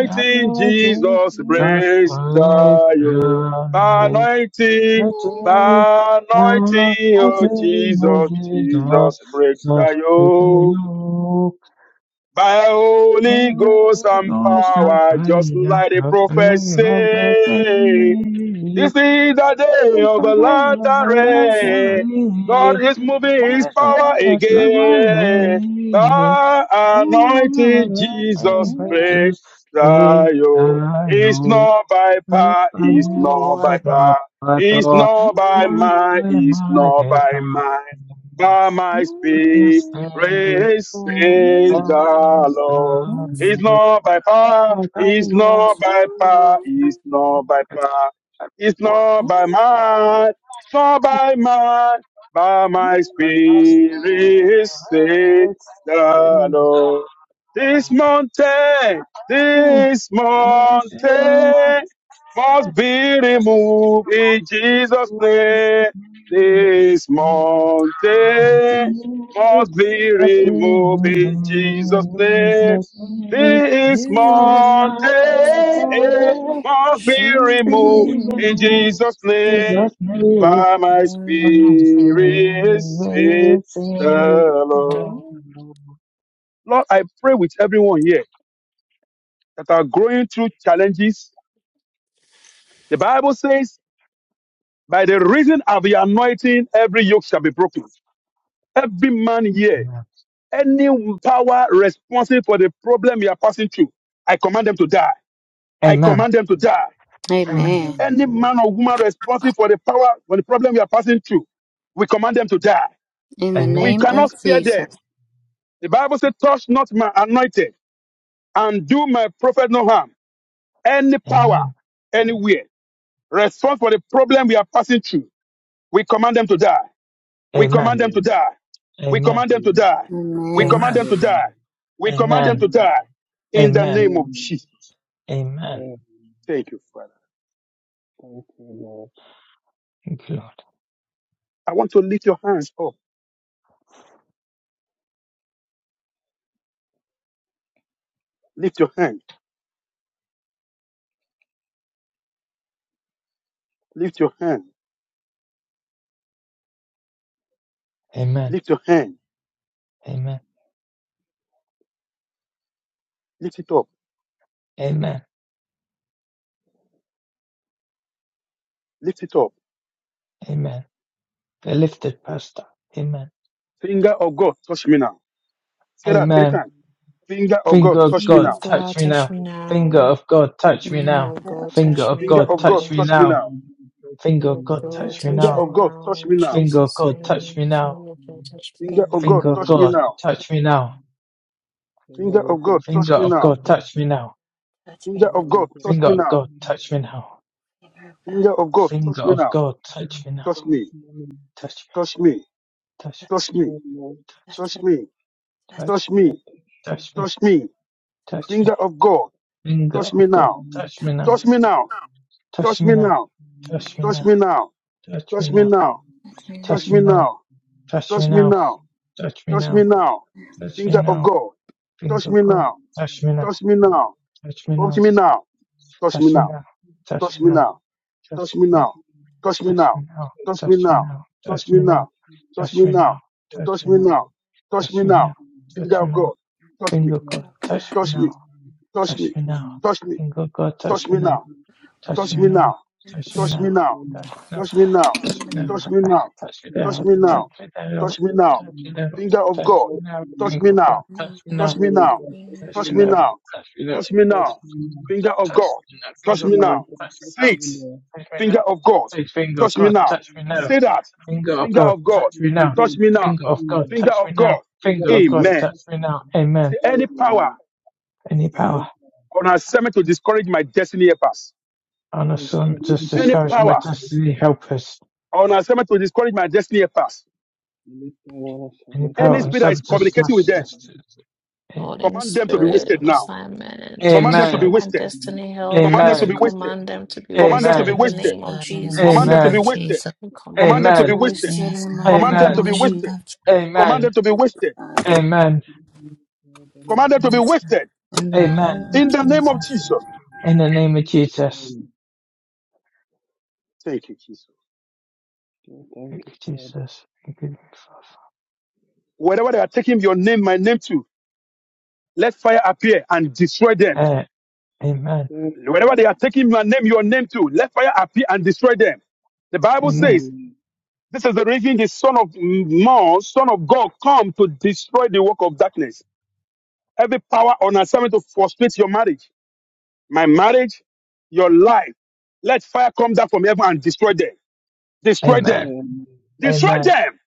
Speaker 3: that is it.
Speaker 2: Jesus
Speaker 3: Just
Speaker 2: breaks
Speaker 3: for it,
Speaker 2: the
Speaker 3: you
Speaker 2: yoke. By
Speaker 3: know.
Speaker 2: anointing,
Speaker 3: I think
Speaker 2: by
Speaker 3: I
Speaker 2: anointing,
Speaker 3: I
Speaker 2: oh
Speaker 3: think of
Speaker 2: Jesus,
Speaker 3: the dust
Speaker 2: Jesus break
Speaker 3: dust
Speaker 2: the
Speaker 3: with the
Speaker 2: yoke.
Speaker 3: yoke.
Speaker 2: By Holy
Speaker 3: When
Speaker 2: Ghost
Speaker 3: it
Speaker 2: and
Speaker 3: goes down
Speaker 2: power, just
Speaker 3: fire,
Speaker 2: like the
Speaker 3: lost the
Speaker 2: prophet
Speaker 3: love with
Speaker 2: say. This is
Speaker 3: it.
Speaker 2: the day
Speaker 3: I
Speaker 2: of the
Speaker 3: thought I
Speaker 2: lottery.
Speaker 3: was your
Speaker 2: God is moving his
Speaker 3: I thought
Speaker 2: power
Speaker 3: I was
Speaker 2: again.
Speaker 3: your
Speaker 2: The anointing
Speaker 3: Oh, I
Speaker 2: Jesus
Speaker 3: think I
Speaker 2: reign.
Speaker 3: just break
Speaker 2: Zion.
Speaker 3: the
Speaker 2: It's
Speaker 3: yoke.
Speaker 2: not by
Speaker 3: Not
Speaker 2: power,
Speaker 3: by
Speaker 2: it's
Speaker 3: my
Speaker 2: not by
Speaker 3: wife, not
Speaker 2: power,
Speaker 3: by
Speaker 2: it's
Speaker 3: door,
Speaker 2: not by
Speaker 3: not
Speaker 2: might,
Speaker 3: by
Speaker 2: it's
Speaker 3: my
Speaker 2: not
Speaker 3: days,
Speaker 2: by
Speaker 3: not
Speaker 2: might.
Speaker 3: by me.
Speaker 2: By my
Speaker 3: But
Speaker 2: spirit,
Speaker 3: this day, who
Speaker 2: says the
Speaker 3: says the
Speaker 2: Lord. It's
Speaker 3: Lord?
Speaker 2: not by power,
Speaker 3: Like I
Speaker 2: it's
Speaker 3: was,
Speaker 2: not by power, it's not
Speaker 3: like
Speaker 2: by
Speaker 3: I
Speaker 2: power. It's
Speaker 3: was,
Speaker 2: not by might, it's not by might, by my
Speaker 3: but my
Speaker 2: spirit, say
Speaker 3: spirit's
Speaker 2: the
Speaker 3: in
Speaker 2: Lord. This
Speaker 3: the
Speaker 2: mountain,
Speaker 3: Lord.
Speaker 2: this
Speaker 3: My
Speaker 2: mountain
Speaker 3: shield,
Speaker 2: must be
Speaker 3: Just me,
Speaker 2: removed
Speaker 3: I'm
Speaker 2: in Jesus' name. This mountain must be removed in Jesus' name. This mountain eh, must be
Speaker 1: Should
Speaker 2: removed in
Speaker 1: be
Speaker 2: Jesus' name, by my
Speaker 1: one.
Speaker 2: spirit, say the
Speaker 3: No,
Speaker 2: Lord.
Speaker 1: don't
Speaker 3: no,
Speaker 2: Lord, I pray with everyone here that are going through challenges. The Bible says, by the reason of the anointing, every yoke shall be broken. Every man here,
Speaker 3: no.
Speaker 2: any power responsible for the problem you are passing through, I command them to die. I
Speaker 3: Amen.
Speaker 2: command them to die.
Speaker 3: Amen.
Speaker 5: Amen.
Speaker 4: Amen.
Speaker 2: Any man or woman responsible for the power, for the problem you are passing through, we command them to die.
Speaker 5: In the
Speaker 2: We
Speaker 3: Amen.
Speaker 5: name of
Speaker 2: cannot spare them.
Speaker 5: Jesus.
Speaker 2: The Bible says, touch not my anointed and do my prophet no harm. Any
Speaker 3: Amen.
Speaker 2: power,
Speaker 3: Amen.
Speaker 2: anywhere, response for the problem we are passing through. We command them to die. We command
Speaker 4: Amen.
Speaker 3: Amen.
Speaker 2: them to die. We command them to
Speaker 4: Amen.
Speaker 2: die. We
Speaker 5: Amen.
Speaker 2: command
Speaker 3: Amen.
Speaker 2: them to
Speaker 4: Amen.
Speaker 2: die. We command them
Speaker 3: Amen.
Speaker 2: to
Speaker 4: Amen.
Speaker 2: die. In the
Speaker 3: Amen.
Speaker 2: name of
Speaker 4: Amen.
Speaker 2: Jesus.
Speaker 3: Amen.
Speaker 4: Oh,
Speaker 2: Thank you, Father.
Speaker 4: thank you, Lord.
Speaker 3: Thank you, Lord.
Speaker 2: I want to lift your hands up. Lift your hand. Lift your hand.
Speaker 3: Amen.
Speaker 2: Lift your hand.
Speaker 3: Amen.
Speaker 2: Lift it up.
Speaker 3: Amen.
Speaker 2: Lift it up.
Speaker 3: Amen. They're lifted, Pastor. Amen.
Speaker 2: Finger of God, touch me now. Say that three
Speaker 3: Amen.
Speaker 2: times. Finger of God,
Speaker 3: Finger of
Speaker 2: touch me
Speaker 1: finger
Speaker 3: God,
Speaker 4: Touch
Speaker 1: of
Speaker 2: now.
Speaker 4: me.
Speaker 3: touch
Speaker 1: God
Speaker 3: me
Speaker 1: touch
Speaker 3: now.
Speaker 1: me
Speaker 3: Finger
Speaker 1: now.
Speaker 3: of God, touch me
Speaker 5: Amen.
Speaker 1: Finger
Speaker 3: now.
Speaker 1: of
Speaker 5: Mother Of
Speaker 1: God
Speaker 3: Finger
Speaker 5: God.
Speaker 1: touch
Speaker 3: of
Speaker 1: me
Speaker 2: Finger
Speaker 3: God,
Speaker 2: of God,
Speaker 3: touch
Speaker 1: now.
Speaker 3: me
Speaker 2: touch me
Speaker 3: now.
Speaker 2: now.
Speaker 4: Touch
Speaker 3: Finger
Speaker 4: me,
Speaker 3: of
Speaker 1: Lord
Speaker 3: God,
Speaker 4: Lord.
Speaker 1: God,
Speaker 3: touch me
Speaker 2: Finger
Speaker 1: touch
Speaker 3: now.
Speaker 1: me
Speaker 2: of God, touch
Speaker 1: now
Speaker 2: me
Speaker 1: in
Speaker 2: now.
Speaker 3: Finger of
Speaker 1: Jesus'
Speaker 3: God, touch
Speaker 4: Somebody
Speaker 3: me
Speaker 1: name.
Speaker 3: now.
Speaker 1: Lord God, touch me
Speaker 5: Thank
Speaker 2: Finger of
Speaker 1: now.
Speaker 2: God,
Speaker 3: Finger of
Speaker 2: touch
Speaker 4: touch me.
Speaker 2: me
Speaker 3: God,
Speaker 2: now.
Speaker 3: touch me now.
Speaker 2: Finger
Speaker 4: Somebody
Speaker 2: of
Speaker 4: go
Speaker 2: God,
Speaker 4: touch
Speaker 2: touch
Speaker 3: Finger
Speaker 2: me
Speaker 3: of
Speaker 2: now.
Speaker 3: God,
Speaker 5: you,
Speaker 4: me.
Speaker 3: touch me now.
Speaker 2: Finger of
Speaker 4: Somebody
Speaker 2: God,
Speaker 4: go touch
Speaker 2: touch
Speaker 3: Finger
Speaker 4: me.
Speaker 2: me
Speaker 3: of
Speaker 2: now.
Speaker 3: God, touch me now.
Speaker 2: Finger of God,
Speaker 3: Finger
Speaker 2: touch me
Speaker 3: of
Speaker 2: now.
Speaker 3: God, touch
Speaker 4: Touch
Speaker 3: me now.
Speaker 2: Touch me,
Speaker 4: me.
Speaker 3: Touch me,
Speaker 2: touch me,
Speaker 3: touch me,
Speaker 2: touch me,
Speaker 4: Touch me, Lord.
Speaker 2: touch me,
Speaker 3: touch me,
Speaker 2: touch me,
Speaker 4: Touch me.
Speaker 3: touch me,
Speaker 2: touch me.
Speaker 3: touch
Speaker 2: Finger
Speaker 3: me.
Speaker 2: of God,
Speaker 3: Finger
Speaker 2: touch me
Speaker 3: of God,
Speaker 2: now.
Speaker 3: touch me now.
Speaker 2: Touch me now.
Speaker 3: Touch
Speaker 2: Touch
Speaker 3: me
Speaker 2: me
Speaker 3: now,
Speaker 2: now.
Speaker 3: touch me
Speaker 2: Touch
Speaker 3: now,
Speaker 2: me now.
Speaker 3: touch me
Speaker 2: Touch me
Speaker 3: now,
Speaker 2: now.
Speaker 5: Katrina.
Speaker 2: Touch
Speaker 3: touch
Speaker 2: me
Speaker 3: me now,
Speaker 2: now.
Speaker 3: touch me
Speaker 2: Touch me
Speaker 3: now,
Speaker 2: now.
Speaker 3: touch me
Speaker 2: Touch me
Speaker 3: now,
Speaker 2: now.
Speaker 3: touch me
Speaker 2: Finger of
Speaker 3: now,
Speaker 2: God, touch
Speaker 3: finger
Speaker 2: me
Speaker 3: God,
Speaker 2: now.
Speaker 3: touch me now,
Speaker 2: Touch me now.
Speaker 3: touch me
Speaker 2: Touch
Speaker 3: now,
Speaker 2: me now. Touch me
Speaker 3: touch me
Speaker 2: now.
Speaker 3: now, touch
Speaker 2: Touch
Speaker 3: me
Speaker 2: me
Speaker 3: now,
Speaker 2: now. Touch
Speaker 3: touch
Speaker 2: me
Speaker 3: me now,
Speaker 2: now. Touch me
Speaker 3: touch
Speaker 2: now.
Speaker 3: me now,
Speaker 2: Touch me
Speaker 3: touch me
Speaker 2: now.
Speaker 3: now,
Speaker 2: Touch
Speaker 3: touch
Speaker 2: me
Speaker 3: me now,
Speaker 2: now. Touch
Speaker 3: touch
Speaker 2: me
Speaker 3: me now,
Speaker 2: now.
Speaker 3: touch
Speaker 2: Touch
Speaker 3: me
Speaker 2: me
Speaker 3: now,
Speaker 2: now. Touch
Speaker 3: touch
Speaker 2: me
Speaker 3: me
Speaker 2: now.
Speaker 3: now, touch
Speaker 2: Finger
Speaker 3: me
Speaker 2: of
Speaker 3: now,
Speaker 2: God. Touch me.
Speaker 3: finger God, touch me
Speaker 2: Touch me.
Speaker 3: now,
Speaker 2: Touch me.
Speaker 3: touch me now,
Speaker 2: Touch me.
Speaker 3: finger God,
Speaker 2: Touch
Speaker 3: touch me
Speaker 2: me
Speaker 3: now,
Speaker 2: now.
Speaker 3: touch
Speaker 2: Touch
Speaker 3: me
Speaker 2: me
Speaker 3: now,
Speaker 2: now.
Speaker 3: touch me
Speaker 2: Touch me
Speaker 3: now,
Speaker 2: now.
Speaker 3: touch me now,
Speaker 2: Touch me now.
Speaker 3: touch me now,
Speaker 2: Touch me now.
Speaker 3: touch me
Speaker 2: Touch
Speaker 3: now,
Speaker 2: me
Speaker 3: touch
Speaker 2: now.
Speaker 3: me now,
Speaker 2: Touch me now.
Speaker 3: touch me now,
Speaker 2: Finger of
Speaker 3: touch
Speaker 2: God.
Speaker 3: me now,
Speaker 2: Touch me
Speaker 3: finger cut,
Speaker 2: now.
Speaker 5: Mother
Speaker 3: touch
Speaker 5: Of
Speaker 3: me now,
Speaker 2: Touch
Speaker 5: God.
Speaker 2: me now.
Speaker 5: Katrina.
Speaker 3: touch
Speaker 2: Touch
Speaker 3: me
Speaker 2: me
Speaker 3: now,
Speaker 2: now.
Speaker 3: touch me now,
Speaker 2: Touch me now.
Speaker 4: That's
Speaker 2: Finger of
Speaker 3: touch
Speaker 2: God.
Speaker 3: me now,
Speaker 4: We
Speaker 2: Touch
Speaker 3: finger
Speaker 2: me
Speaker 4: got
Speaker 3: cut,
Speaker 4: a
Speaker 2: now.
Speaker 3: touch,
Speaker 2: Say
Speaker 4: protection
Speaker 2: it.
Speaker 4: in there.
Speaker 3: touch me
Speaker 2: Finger
Speaker 3: now,
Speaker 2: of God.
Speaker 3: touch finger
Speaker 2: Touch me
Speaker 3: cut,
Speaker 4: We
Speaker 2: now.
Speaker 4: got
Speaker 3: touch
Speaker 4: a
Speaker 3: me now,
Speaker 2: Say that.
Speaker 4: protection.
Speaker 3: finger of
Speaker 2: Finger
Speaker 3: God,
Speaker 2: of God.
Speaker 3: touch
Speaker 4: We
Speaker 3: me now,
Speaker 4: got
Speaker 2: Touch
Speaker 4: a
Speaker 2: me now.
Speaker 3: finger
Speaker 4: protection
Speaker 3: of
Speaker 4: in
Speaker 3: God,
Speaker 4: there.
Speaker 2: Finger
Speaker 3: touch me
Speaker 2: of God.
Speaker 3: now,
Speaker 4: We
Speaker 3: finger
Speaker 4: got a
Speaker 3: of God,
Speaker 2: Amen.
Speaker 3: touch
Speaker 4: protection
Speaker 3: me now, amen.
Speaker 2: See any power
Speaker 4: in
Speaker 3: Any power
Speaker 4: there. Let
Speaker 2: on assignment to discourage my destiny pass.
Speaker 3: on us,
Speaker 4: us
Speaker 3: um, just
Speaker 4: submit to
Speaker 2: Any
Speaker 4: this
Speaker 3: discourage my
Speaker 2: power
Speaker 3: destiny,
Speaker 4: way.
Speaker 3: help us.
Speaker 2: on assignment to discourage my destiny pass.
Speaker 4: Let us don't want to
Speaker 3: Any
Speaker 4: submit to
Speaker 3: power
Speaker 2: Any
Speaker 3: on
Speaker 2: spirit that is
Speaker 3: some
Speaker 2: communicating with
Speaker 3: discuss
Speaker 2: them,
Speaker 3: this,
Speaker 1: Lord, any
Speaker 2: command them to be
Speaker 1: spirit
Speaker 2: wasted
Speaker 1: on
Speaker 2: now.
Speaker 1: assignment to
Speaker 2: Command them to be
Speaker 3: amen,
Speaker 1: destroy my
Speaker 2: wasted.
Speaker 1: destiny, help
Speaker 2: Command them
Speaker 1: us.
Speaker 2: to
Speaker 1: We
Speaker 2: be
Speaker 3: amen,
Speaker 2: wasted.
Speaker 1: command them to be
Speaker 2: Command them to
Speaker 1: wasted
Speaker 2: be
Speaker 3: amen.
Speaker 1: in the
Speaker 5: Yes,
Speaker 2: wasted.
Speaker 1: name of
Speaker 5: God. In the
Speaker 2: Command
Speaker 1: Jesus.
Speaker 2: them
Speaker 5: name
Speaker 2: to be
Speaker 5: of
Speaker 3: Amen.
Speaker 2: wasted.
Speaker 5: Jesus.
Speaker 1: We command
Speaker 2: Command them
Speaker 1: them to
Speaker 2: to
Speaker 1: be
Speaker 2: be
Speaker 3: Amen.
Speaker 2: wasted.
Speaker 1: wasted in
Speaker 5: Yes,
Speaker 1: the
Speaker 5: God.
Speaker 1: mighty
Speaker 5: In
Speaker 2: Command
Speaker 5: the
Speaker 2: them
Speaker 1: name
Speaker 3: Amen.
Speaker 2: to be
Speaker 1: of
Speaker 5: name
Speaker 1: Jesus.
Speaker 2: wasted.
Speaker 5: of Jesus.
Speaker 2: Command them
Speaker 3: Amen.
Speaker 2: to be wasted.
Speaker 3: Amen.
Speaker 2: Command them to be
Speaker 5: Yes,
Speaker 2: wasted.
Speaker 5: God. In the
Speaker 3: Amen.
Speaker 5: name
Speaker 2: In the
Speaker 5: of
Speaker 2: name of
Speaker 5: Jesus.
Speaker 2: Jesus.
Speaker 3: In the name of Jesus.
Speaker 2: Thank you, Jesus.
Speaker 4: Thank
Speaker 3: Thank
Speaker 4: you,
Speaker 3: you,
Speaker 4: Father.
Speaker 3: Jesus. Thank you,
Speaker 2: Wherever they are taking your name, my name too, let fire appear and destroy them.
Speaker 3: Father. A- Amen.
Speaker 4: Thank
Speaker 2: Wherever they
Speaker 4: you.
Speaker 2: are taking my name, your name too, let fire appear and destroy them. The
Speaker 4: Thank
Speaker 2: Bible
Speaker 3: Amen.
Speaker 2: says, this is the reason the Son of Man, Son of God, come to destroy the work of darkness. Every power on assignment to frustrate your marriage my marriage, your life. Let fire come down from heaven and destroy them. Destroy them.
Speaker 3: Amen.
Speaker 2: Destroy
Speaker 3: Amen.
Speaker 2: them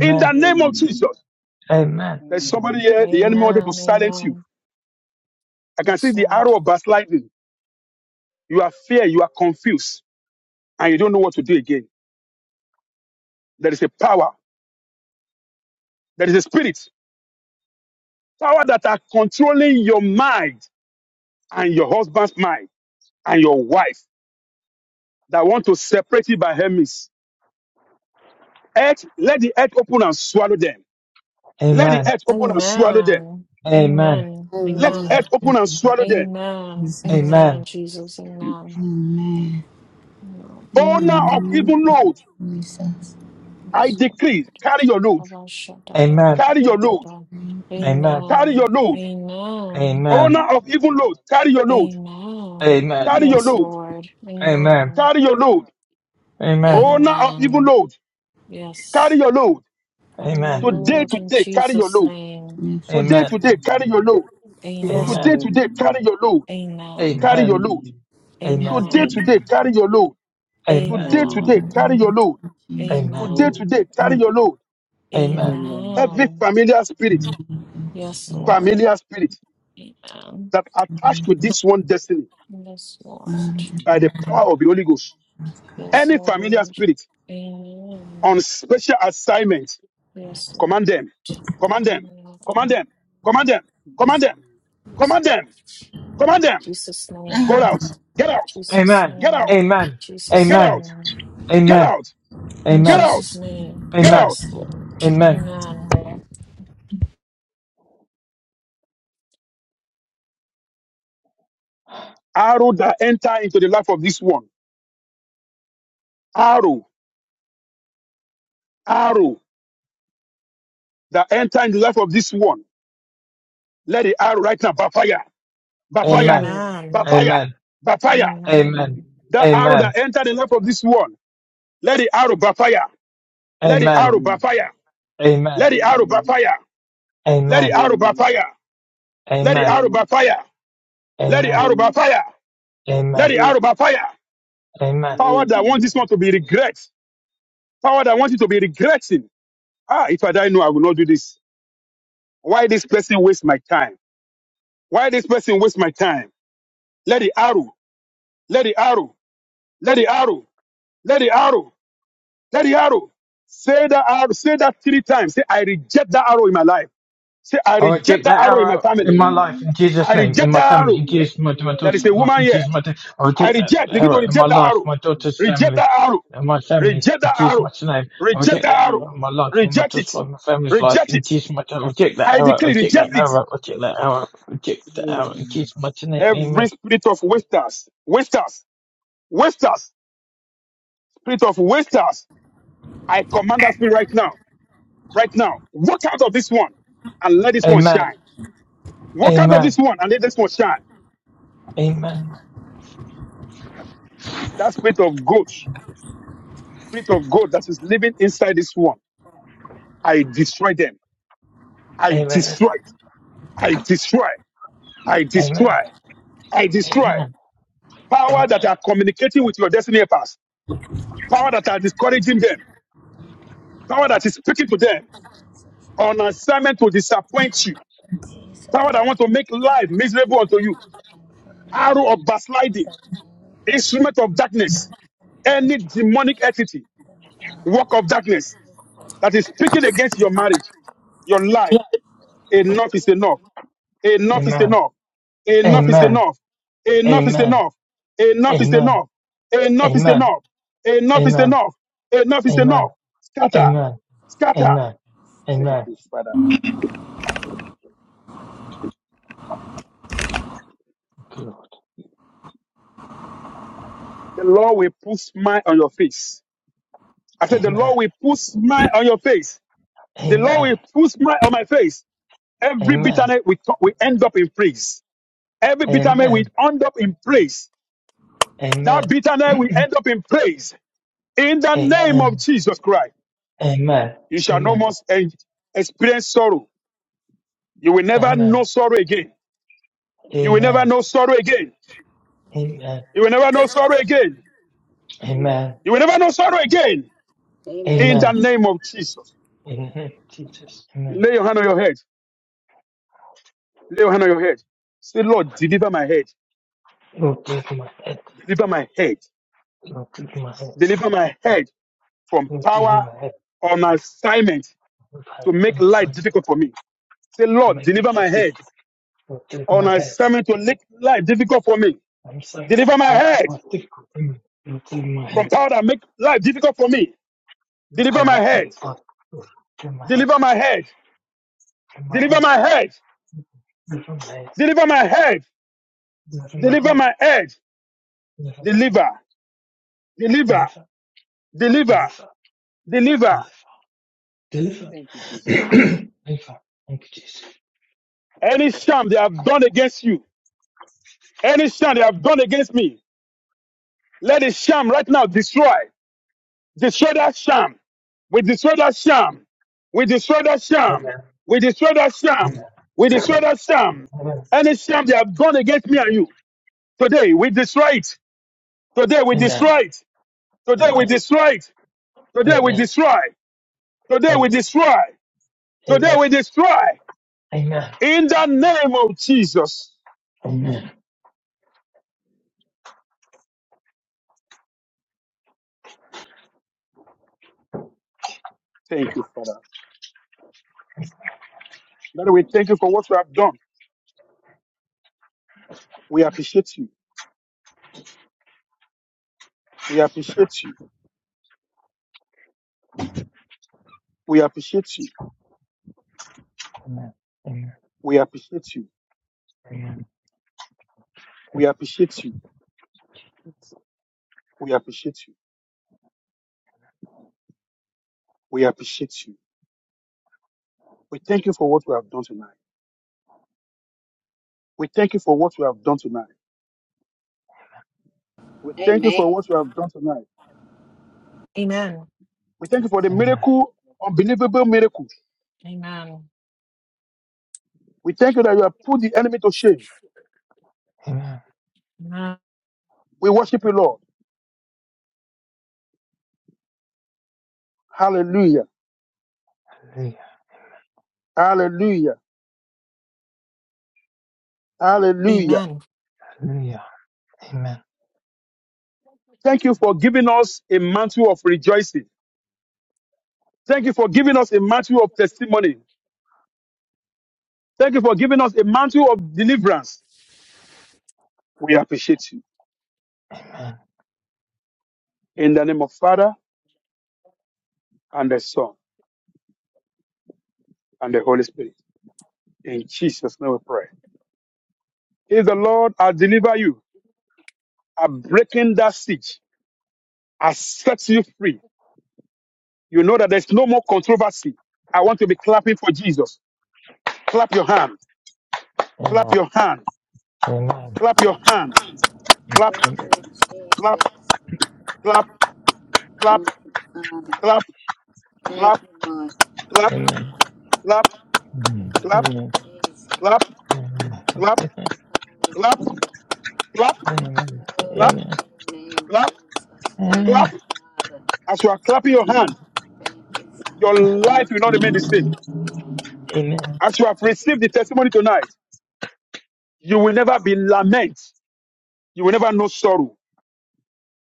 Speaker 2: in the name of Jesus.
Speaker 3: Amen.
Speaker 2: There's somebody here, the enemy wanted to
Speaker 1: Amen.
Speaker 2: silence you.
Speaker 1: Amen.
Speaker 2: I can
Speaker 1: Yes,
Speaker 2: see the
Speaker 1: Lord.
Speaker 2: arrow of backsliding. You are fear, you are confused, and you don't know what to do again. There is a power, there is a spirit, power that are controlling your mind and your husband's mind and your wife that want to separate you by enemies. Earth, let the earth open and swallow them. Let the
Speaker 3: Amen.
Speaker 2: earth open and swallow them.
Speaker 1: Amen.
Speaker 3: Amen.
Speaker 1: Amen.
Speaker 2: Let
Speaker 1: Amen.
Speaker 5: Amen.
Speaker 2: earth
Speaker 5: In
Speaker 2: open
Speaker 5: the
Speaker 2: and
Speaker 5: name
Speaker 2: swallow them.
Speaker 5: of
Speaker 1: Amen.
Speaker 5: Jesus.
Speaker 3: Amen.
Speaker 1: Amen.
Speaker 3: Amen.
Speaker 1: Jesus. Amen.
Speaker 5: Amen.
Speaker 1: No.
Speaker 5: In the
Speaker 2: Owner of
Speaker 5: name
Speaker 2: evil
Speaker 5: of
Speaker 2: load,
Speaker 5: Jesus.
Speaker 1: Amen.
Speaker 2: I decree, carry your load,
Speaker 3: Amen.
Speaker 2: carry your load,
Speaker 3: Amen.
Speaker 2: carry your load.
Speaker 1: Amen.
Speaker 3: Amen.
Speaker 2: Owner of evil load, carry your load,
Speaker 1: Amen.
Speaker 3: Amen.
Speaker 2: carry your
Speaker 1: Yes,
Speaker 2: load,
Speaker 1: Lord.
Speaker 3: Amen.
Speaker 1: Amen.
Speaker 2: carry your load.
Speaker 3: Amen.
Speaker 2: Owner of evil
Speaker 1: Amen.
Speaker 2: load, carry
Speaker 1: Yes.
Speaker 2: your load.
Speaker 1: By
Speaker 3: Amen.
Speaker 1: your
Speaker 2: Today,
Speaker 1: Lord in
Speaker 2: today, carry your
Speaker 1: Jesus'
Speaker 2: load.
Speaker 1: name.
Speaker 3: Amen. Amen. Amen.
Speaker 5: Yes, God.
Speaker 2: Today,
Speaker 3: Amen.
Speaker 2: today, carry your load.
Speaker 5: Yes,
Speaker 2: Today,
Speaker 5: God.
Speaker 1: Amen.
Speaker 2: today, carry your load.
Speaker 1: Amen.
Speaker 2: Carry your load. Today,
Speaker 1: Amen.
Speaker 2: today, carry your load. Today, today,
Speaker 1: Amen.
Speaker 2: carry your load.
Speaker 5: Jesus.
Speaker 2: Today,
Speaker 1: Amen.
Speaker 2: today, carry
Speaker 5: Thank
Speaker 2: your load.
Speaker 3: Amen.
Speaker 2: Every
Speaker 1: Amen.
Speaker 2: familiar spirit,
Speaker 5: you,
Speaker 1: Yes,
Speaker 5: Jesus.
Speaker 1: Lord.
Speaker 2: familiar spirit,
Speaker 1: Amen.
Speaker 2: that are attached to this one destiny
Speaker 1: Yes, Lord.
Speaker 5: Amen.
Speaker 2: by the power of the Holy Ghost.
Speaker 5: Okay.
Speaker 1: Yes,
Speaker 2: Any familiar
Speaker 1: Lord.
Speaker 2: spirit
Speaker 1: Amen.
Speaker 2: on special assignment,
Speaker 1: Yes, Lord.
Speaker 2: command them, command them, command
Speaker 1: Amen.
Speaker 2: them, command them, command them,
Speaker 1: Yes,
Speaker 2: command
Speaker 1: Lord.
Speaker 2: them, command
Speaker 1: In
Speaker 2: them.
Speaker 1: Jesus'
Speaker 2: Go
Speaker 1: name.
Speaker 2: out, get out,
Speaker 3: Amen.
Speaker 1: Jesus'
Speaker 3: Amen.
Speaker 2: get out,
Speaker 1: name.
Speaker 3: Amen.
Speaker 1: Jesus'
Speaker 2: get
Speaker 3: Amen.
Speaker 2: out,
Speaker 1: name.
Speaker 2: get
Speaker 3: Amen.
Speaker 2: out,
Speaker 1: In
Speaker 2: get
Speaker 3: Amen.
Speaker 2: out,
Speaker 1: Jesus' name.
Speaker 2: get
Speaker 3: Amen.
Speaker 2: out.
Speaker 1: Yes, Lord.
Speaker 3: Amen.
Speaker 1: Amen.
Speaker 2: Arrow that enter into the life of this one. Arrow, arrow that enter into the life of this one. Let the arrow right now, by fire, by fire,
Speaker 3: Amen.
Speaker 2: by
Speaker 1: Amen.
Speaker 2: fire,
Speaker 3: Amen.
Speaker 2: by fire,
Speaker 3: Amen.
Speaker 1: Amen.
Speaker 3: Amen.
Speaker 2: That arrow
Speaker 3: Amen.
Speaker 2: that entered the life of this one, let the arrow backfire. Let the
Speaker 3: Amen.
Speaker 2: arrow backfire.
Speaker 3: Amen.
Speaker 2: Let the arrow backfire. Let the
Speaker 3: Amen.
Speaker 2: arrow backfire. Let the
Speaker 3: Amen.
Speaker 2: arrow backfire. Let the arrow backfire. Let
Speaker 3: Amen.
Speaker 2: the arrow backfire.
Speaker 3: Amen.
Speaker 2: Power that wants this one to be regret. Power that wants you to be regretting. Ah, if I die, no, I will not do this. Why this person waste my time? Why this person waste my time? Let the arrow. Let the arrow. Let the arrow. Let the arrow. Let the arrow. Say that arrow. Say that three times. Say, I reject that arrow in my life. Say, I
Speaker 3: I
Speaker 2: reject
Speaker 3: reject
Speaker 2: that
Speaker 3: that
Speaker 2: arrow in my
Speaker 3: arrow
Speaker 2: family.
Speaker 3: in my life in Jesus'
Speaker 2: I
Speaker 3: name, in
Speaker 2: reject
Speaker 3: my
Speaker 2: that
Speaker 3: family, in
Speaker 2: arrow.
Speaker 3: Jesus, my, my
Speaker 2: There
Speaker 3: daughter's
Speaker 2: is a
Speaker 3: life,
Speaker 2: woman
Speaker 3: in
Speaker 2: here.
Speaker 3: Jesus, my da- I
Speaker 2: I
Speaker 3: reject that
Speaker 2: reject. Begin to
Speaker 3: arrow in my
Speaker 2: reject that
Speaker 3: life,
Speaker 2: arrow.
Speaker 3: my daughter's
Speaker 4: you.
Speaker 2: Reject
Speaker 3: family,
Speaker 2: that arrow.
Speaker 3: and my family,
Speaker 2: Reject
Speaker 3: in
Speaker 2: that
Speaker 3: Jesus'
Speaker 2: arrow.
Speaker 3: mighty name. I
Speaker 2: Reject
Speaker 3: reject
Speaker 2: that
Speaker 3: that
Speaker 2: arrow.
Speaker 4: Mm,
Speaker 3: arrow in my life, in my
Speaker 2: Reject it.
Speaker 3: daughter's life, my family's life,
Speaker 2: Reject
Speaker 3: in
Speaker 2: it.
Speaker 3: Jesus' mighty name. I reject that
Speaker 2: I
Speaker 3: arrow, I
Speaker 2: declare,
Speaker 3: reject that
Speaker 2: reject
Speaker 4: mm,
Speaker 2: it.
Speaker 3: arrow, I reject that arrow, I reject that
Speaker 4: mm.
Speaker 3: arrow, in
Speaker 4: mm.
Speaker 3: Jesus' mighty name.
Speaker 2: Every
Speaker 3: Amen.
Speaker 2: spirit of wasters, wasters, wasters, spirit of wasters, I command that spirit right now. Right now. Walk out of this one and let this one
Speaker 3: Amen.
Speaker 2: shine. Walk out of
Speaker 3: Amen.
Speaker 2: this one and let this one shine.
Speaker 5: Thank
Speaker 2: That spirit of God, spirit of God that is living inside this one. I destroy them. I
Speaker 3: Amen.
Speaker 2: destroy. I destroy. I
Speaker 3: Amen. Amen.
Speaker 2: destroy. I destroy.
Speaker 3: Amen.
Speaker 2: Power that are communicating with your destiny helpers. Power that are discouraging them. Power that is speaking to them on assignment to disappoint you.
Speaker 5: you, Jesus.
Speaker 2: Power that
Speaker 5: Thank
Speaker 2: want to make life miserable unto you. Arrow of backsliding.
Speaker 5: you, Jesus.
Speaker 2: Instrument of darkness any demonic entity, work of darkness that is speaking against your marriage, your life, enough is enough. Enough is
Speaker 3: Amen. Amen.
Speaker 2: enough. Enough is
Speaker 3: Amen.
Speaker 2: enough. Enough is
Speaker 3: Amen.
Speaker 2: enough. Enough is
Speaker 3: Amen.
Speaker 2: enough. Enough is
Speaker 3: Amen.
Speaker 2: enough. Enough is
Speaker 3: Amen.
Speaker 2: enough. Enough is
Speaker 3: Amen.
Speaker 2: enough. Scatter.
Speaker 3: Amen.
Speaker 2: Scatter.
Speaker 3: Amen.
Speaker 2: Thank
Speaker 3: Amen.
Speaker 2: you, Father.
Speaker 3: Good. Lord.
Speaker 2: The Lord will put smile on your face. I said, the
Speaker 3: Amen.
Speaker 2: Lord will put smile on your face. The Lord
Speaker 3: Amen.
Speaker 2: will put smile on my face. Every
Speaker 3: Amen.
Speaker 2: bitterness we, talk, we end up in praise. Every bitterness we
Speaker 3: Amen.
Speaker 2: end up in praise.
Speaker 3: Amen.
Speaker 2: That
Speaker 3: Amen.
Speaker 2: bitterness we end up in praise. In the name of
Speaker 3: Amen.
Speaker 2: Jesus Christ.
Speaker 3: Amen.
Speaker 2: You shall no
Speaker 3: Amen.
Speaker 2: more eh, experience sorrow. You will never know
Speaker 3: Amen.
Speaker 2: sorrow again. You will never
Speaker 3: Amen.
Speaker 2: know sorrow again. You will never know sorrow again.
Speaker 3: Amen.
Speaker 2: You will never know sorrow again.
Speaker 5: Amen.
Speaker 2: In the
Speaker 3: Amen.
Speaker 2: name of Jesus.
Speaker 3: Amen. Jesus. Amen.
Speaker 2: Lay your hand on your head. Lay your hand on your head. Say, Lord, deliver my head.
Speaker 3: Lord, give me my head.
Speaker 2: Deliver my head.
Speaker 3: Lord, give me my head.
Speaker 2: Deliver my head from
Speaker 3: Lord, give me
Speaker 2: power
Speaker 3: my head.
Speaker 2: on assignment
Speaker 3: Lord, I
Speaker 2: to
Speaker 3: have
Speaker 2: make
Speaker 3: an
Speaker 2: life
Speaker 3: assignment
Speaker 2: difficult for me. Say,
Speaker 3: to
Speaker 2: Lord,
Speaker 3: make it
Speaker 2: deliver my
Speaker 3: tough
Speaker 2: head
Speaker 3: difficult. Lord, give me
Speaker 2: on
Speaker 3: my head.
Speaker 2: assignment to make life difficult for me.
Speaker 3: I'm sorry
Speaker 2: Deliver my
Speaker 3: to make it
Speaker 2: head
Speaker 3: more difficult. Amen. Lord, give me my
Speaker 2: from
Speaker 3: head.
Speaker 2: power that make life difficult for me.
Speaker 3: Lord,
Speaker 2: Deliver
Speaker 3: I
Speaker 2: my
Speaker 3: will make
Speaker 2: head.
Speaker 3: it tough. Lord, give me my head.
Speaker 2: Deliver my head.
Speaker 3: in my
Speaker 2: Deliver
Speaker 3: head,
Speaker 2: my head.
Speaker 3: deliver my head,
Speaker 2: Deliver my head.
Speaker 3: deliver my
Speaker 2: Deliver
Speaker 3: head,
Speaker 2: my head.
Speaker 3: deliver my head,
Speaker 2: Deliver. Deliver.
Speaker 3: deliver,
Speaker 2: Deliver.
Speaker 3: deliver,
Speaker 2: Deliver.
Speaker 3: deliver, deliver,
Speaker 2: Thank you, Jesus.
Speaker 3: deliver. Thank you, Jesus.
Speaker 2: Any sham they have done against you, any sham they have done against me, let the sham right now destroy. Destroy that sham. We destroy that sham. We destroy that
Speaker 3: Amen.
Speaker 2: sham. We destroy that
Speaker 3: Amen.
Speaker 2: sham. We destroy that sham.
Speaker 3: Amen.
Speaker 2: Any sham they have done against me and you, today we destroy it. Today we
Speaker 3: Amen.
Speaker 2: destroy it. Today we
Speaker 3: Amen.
Speaker 2: destroy it. Today we
Speaker 3: Amen.
Speaker 2: destroy. Today we
Speaker 3: Amen.
Speaker 2: destroy. Today
Speaker 3: Amen.
Speaker 2: we destroy.
Speaker 3: Amen.
Speaker 2: In the name of Jesus.
Speaker 3: Amen. Amen.
Speaker 2: Thank you, Father. Father, we thank you for what you have done. We appreciate you. We appreciate you. We appreciate you.
Speaker 3: Amen.
Speaker 2: We appreciate you. We appreciate you. We appreciate you. We appreciate you. We thank you for what you have done tonight. We thank you for what you have done tonight. We thank you
Speaker 5: Amen.
Speaker 2: for what you have done tonight.
Speaker 1: Amen.
Speaker 2: We thank you for the
Speaker 3: Amen. Amen.
Speaker 2: miracle, unbelievable miracle.
Speaker 1: Amen. Amen.
Speaker 2: We thank you that you have put the enemy to shame.
Speaker 3: Amen,
Speaker 2: We worship you, Lord. Hallelujah.
Speaker 3: Hallelujah.
Speaker 2: Hallelujah.
Speaker 1: Amen.
Speaker 2: Hallelujah.
Speaker 1: Amen.
Speaker 3: Hallelujah. Amen.
Speaker 2: Thank you for giving us a mantle of rejoicing. Thank you for giving us a mantle of testimony. Thank you for giving us a mantle of deliverance. We appreciate you.
Speaker 3: Amen.
Speaker 2: In the name of Father and the Son and the Holy Spirit. In Jesus' name we pray. If the Lord has delivered you, I breaking that siege, I set you free. You know that there's no more controversy. I want to be clapping for Jesus. Clap your hand. Clap
Speaker 3: Amen.
Speaker 2: your hand.
Speaker 3: Amen. Amen.
Speaker 2: Clap your hand.
Speaker 5: Thank
Speaker 2: Clap!
Speaker 3: Amen.
Speaker 5: you,
Speaker 2: Clap,
Speaker 5: Jesus.
Speaker 2: clap, clap,
Speaker 5: Thank
Speaker 2: clap,
Speaker 5: you, Father. Thank
Speaker 2: clap,
Speaker 5: you, Lord Jesus.
Speaker 2: clap,
Speaker 3: Amen. Amen.
Speaker 2: clap, clap,
Speaker 3: Amen.
Speaker 5: Hallelujah.
Speaker 2: clap, clap, clap, clap, clap,
Speaker 5: Glory to your name,
Speaker 2: clap,
Speaker 5: Jesus. Thank
Speaker 3: Amen.
Speaker 2: clap.
Speaker 5: you, Father.
Speaker 2: As you are clapping your hand,
Speaker 5: Thank you,
Speaker 2: your
Speaker 5: Father.
Speaker 2: life will not remain the same.
Speaker 3: Amen. Amen.
Speaker 2: As you have received the testimony tonight, you will never be lament. You will never know sorrow.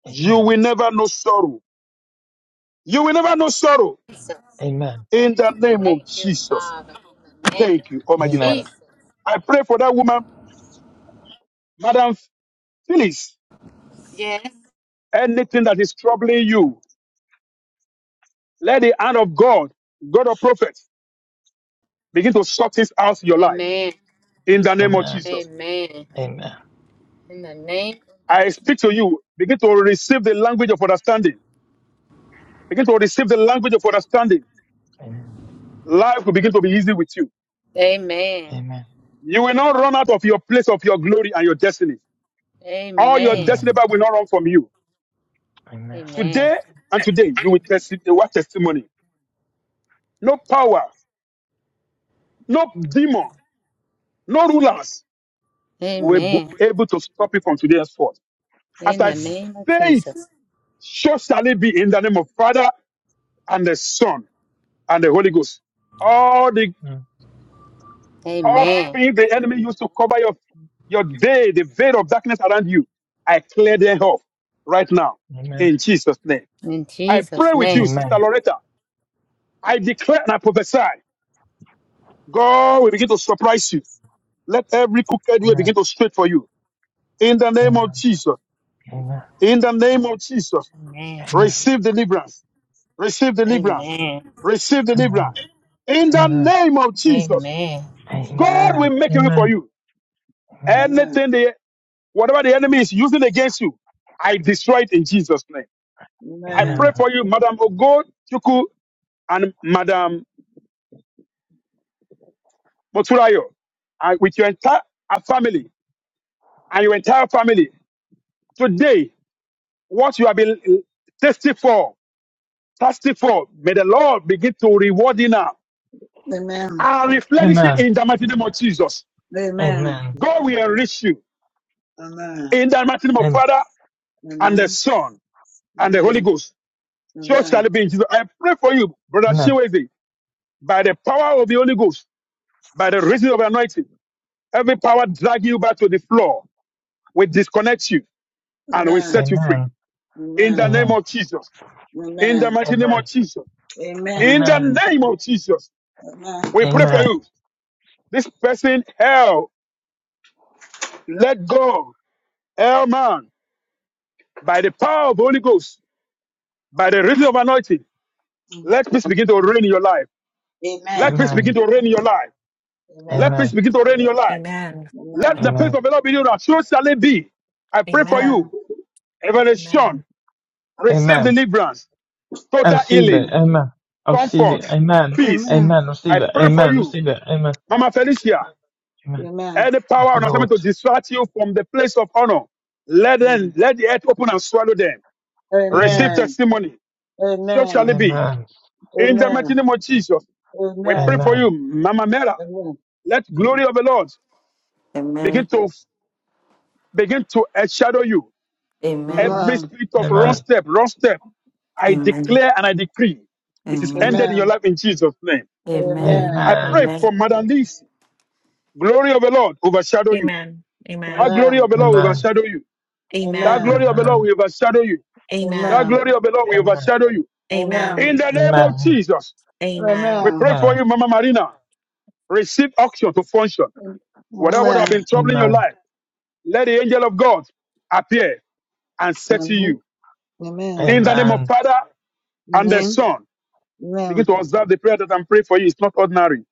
Speaker 2: You
Speaker 3: Amen.
Speaker 2: will never know sorrow. You will never know sorrow.
Speaker 5: Jesus.
Speaker 3: Amen.
Speaker 2: In the name of
Speaker 5: Thank you,
Speaker 2: Jesus.
Speaker 5: Father. In the name
Speaker 2: Thank you,
Speaker 5: of
Speaker 2: Almighty
Speaker 3: Amen.
Speaker 2: Father.
Speaker 5: Jesus.
Speaker 2: I pray for that woman, Madam Phyllis.
Speaker 5: Yes.
Speaker 2: Anything that is troubling you, Let the hand of God, God of prophet, begin to sort this out in your life
Speaker 5: Amen.
Speaker 2: in the name of
Speaker 3: Amen.
Speaker 2: Jesus.
Speaker 5: Amen.
Speaker 3: Amen.
Speaker 5: In the name.
Speaker 2: I speak to you. Begin to receive the language of understanding. Begin to receive the language of understanding.
Speaker 3: Amen.
Speaker 2: Life will begin to be easy with you.
Speaker 5: Amen.
Speaker 3: Amen.
Speaker 2: You will not run out of your place of your glory and your destiny. All your
Speaker 5: Amen.
Speaker 3: Amen.
Speaker 2: destiny Bible, will not run from you.
Speaker 3: Amen.
Speaker 5: Amen.
Speaker 2: Today and today, you will test a word testimony. No power, no demon, no rulers will be
Speaker 5: Amen.
Speaker 2: able to stop you from today's forth. As
Speaker 5: In
Speaker 2: I
Speaker 5: the
Speaker 3: Amen.
Speaker 5: name of
Speaker 2: say it,
Speaker 5: Jesus.
Speaker 2: So shall it be in the name of Father and the Son and the Holy Ghost. All the
Speaker 3: Mm.
Speaker 2: all
Speaker 5: Amen.
Speaker 2: things the enemy used to cover your your day, the veil of darkness around you, I clear them off right now
Speaker 3: Amen.
Speaker 2: in Jesus' name.
Speaker 5: In
Speaker 2: I
Speaker 5: Jesus'
Speaker 2: pray with you,
Speaker 5: name.
Speaker 2: Sister
Speaker 3: Amen.
Speaker 2: Loretta. I declare and I prophesy. God will begin to surprise you. Let every crooked way
Speaker 3: Amen.
Speaker 2: begin to straight for you. In the name of
Speaker 3: Amen.
Speaker 2: Jesus.
Speaker 3: Amen.
Speaker 2: In the name of Jesus.
Speaker 5: Amen.
Speaker 2: Receive deliverance. Receive deliverance
Speaker 5: Amen.
Speaker 2: receive
Speaker 3: Amen.
Speaker 2: deliverance. In the
Speaker 3: Amen.
Speaker 2: name of Jesus,
Speaker 5: Amen.
Speaker 3: Amen. Amen. Amen.
Speaker 2: God will
Speaker 6: Amen.
Speaker 2: make a way for you.
Speaker 6: Amen.
Speaker 2: Anything the whatever the enemy is using against you, I destroy it in Jesus' name. I pray
Speaker 6: Amen.
Speaker 3: Amen.
Speaker 2: for you, Madam Ogo Chuku and Madam Moturayo, and with your entire family and your entire family. Today, what you have been uh, thirsty for, thirsty for, may the Lord begin to reward you now
Speaker 6: Amen.
Speaker 2: and replenish
Speaker 3: Amen. Amen.
Speaker 2: it
Speaker 3: Amen. Amen.
Speaker 2: in the mighty name of Jesus. God will enrich you
Speaker 6: Amen.
Speaker 2: in the mighty name of Father. and the
Speaker 6: Amen.
Speaker 2: Son and the Holy
Speaker 6: Amen.
Speaker 2: Ghost.
Speaker 6: Amen.
Speaker 2: So shall
Speaker 6: Amen.
Speaker 2: it be in Jesus. I pray for you, brother Shiwezi, by the power of the Holy Ghost, by the reason of anointing. Every power drag you back to the floor. We disconnect you and we set you free. In the
Speaker 6: Amen. Amen.
Speaker 2: name
Speaker 3: Amen.
Speaker 2: of Jesus. In the
Speaker 6: Amen.
Speaker 3: Amen. Amen. Amen.
Speaker 2: mighty name of Jesus.
Speaker 6: Amen.
Speaker 2: In the
Speaker 3: Amen.
Speaker 2: name of Jesus. We pray for
Speaker 3: Amen.
Speaker 2: you. This person, hell, let go. Hell man, by the power of the Holy Ghost, by the reason of anointing, let peace begin to reign in your life. Let peace begin
Speaker 3: Amen.
Speaker 2: to reign in your life. Let
Speaker 6: Amen. Amen.
Speaker 2: peace begin to reign in your
Speaker 1: Amen.
Speaker 2: life. Let
Speaker 6: Amen.
Speaker 2: the peace
Speaker 3: Amen.
Speaker 2: of the Lord be your So shall it be. I
Speaker 6: Amen. Amen. Amen.
Speaker 2: pray for
Speaker 1: Amen.
Speaker 6: Amen.
Speaker 2: you. Evangelist Sean,
Speaker 1: Amen.
Speaker 2: receive
Speaker 3: Amen.
Speaker 2: deliverance,
Speaker 3: I
Speaker 2: total
Speaker 3: receive it.
Speaker 2: healing,
Speaker 6: Mm.
Speaker 3: Amen. I receive it.
Speaker 2: comfort,
Speaker 3: Amen.
Speaker 2: peace.
Speaker 3: Amen. Receive
Speaker 2: I
Speaker 3: it.
Speaker 2: pray for
Speaker 3: Amen.
Speaker 2: you.
Speaker 3: Receive it. Amen.
Speaker 2: Mama Felicia,
Speaker 3: Amen.
Speaker 2: any power on
Speaker 3: Lord.
Speaker 2: assignment to distract you from the place of honor, let them, let the earth open and swallow them.
Speaker 6: Amen.
Speaker 2: Receive
Speaker 3: Amen.
Speaker 6: Amen.
Speaker 2: testimony.
Speaker 6: Amen.
Speaker 2: So shall
Speaker 6: Amen.
Speaker 2: it be.
Speaker 3: Amen.
Speaker 2: In the mighty
Speaker 6: Amen.
Speaker 2: name of Jesus, we pray
Speaker 6: Amen.
Speaker 2: for
Speaker 3: Amen.
Speaker 2: you, Mama Mera. Let glory of the Lord begin
Speaker 7: Amen.
Speaker 2: to begin to shadow you.
Speaker 7: Amen.
Speaker 2: Every spirit of wrong
Speaker 3: Amen.
Speaker 2: step, wrong step, I
Speaker 7: Amen.
Speaker 2: declare and I decree it is ended
Speaker 6: Amen.
Speaker 7: Amen.
Speaker 2: in your life in Jesus' name.
Speaker 7: Amen.
Speaker 2: I pray
Speaker 3: Amen.
Speaker 7: Amen.
Speaker 2: for Madam Lee's glory of the Lord overshadow you.
Speaker 1: Amen.
Speaker 2: That
Speaker 1: Amen.
Speaker 2: glory of the Lord will
Speaker 3: Amen.
Speaker 2: overshadow you. That
Speaker 1: Amen.
Speaker 2: glory
Speaker 6: Amen. Amen.
Speaker 2: of the Lord
Speaker 3: Amen.
Speaker 2: will overshadow you.
Speaker 6: Amen.
Speaker 2: That
Speaker 1: Amen.
Speaker 6: Amen.
Speaker 2: glory of the Lord will
Speaker 3: Amen.
Speaker 2: overshadow you.
Speaker 6: Amen.
Speaker 1: Amen.
Speaker 2: In the name of
Speaker 3: Amen.
Speaker 2: Jesus, we
Speaker 1: Amen.
Speaker 6: Amen.
Speaker 2: pray for you,
Speaker 3: Amen.
Speaker 2: Mama Marina. Receive auction to function. Whatever would
Speaker 6: Amen.
Speaker 2: have been troubling your
Speaker 3: Amen.
Speaker 2: life, let the angel of God appear and settle
Speaker 6: Amen.
Speaker 2: you.
Speaker 6: Amen.
Speaker 2: In the
Speaker 3: Amen.
Speaker 2: name
Speaker 3: Amen. amen,
Speaker 2: of Father and the
Speaker 6: Amen.
Speaker 2: Son Begin
Speaker 6: Amen.
Speaker 2: to observe the prayer that I'm praying for you. It's not ordinary.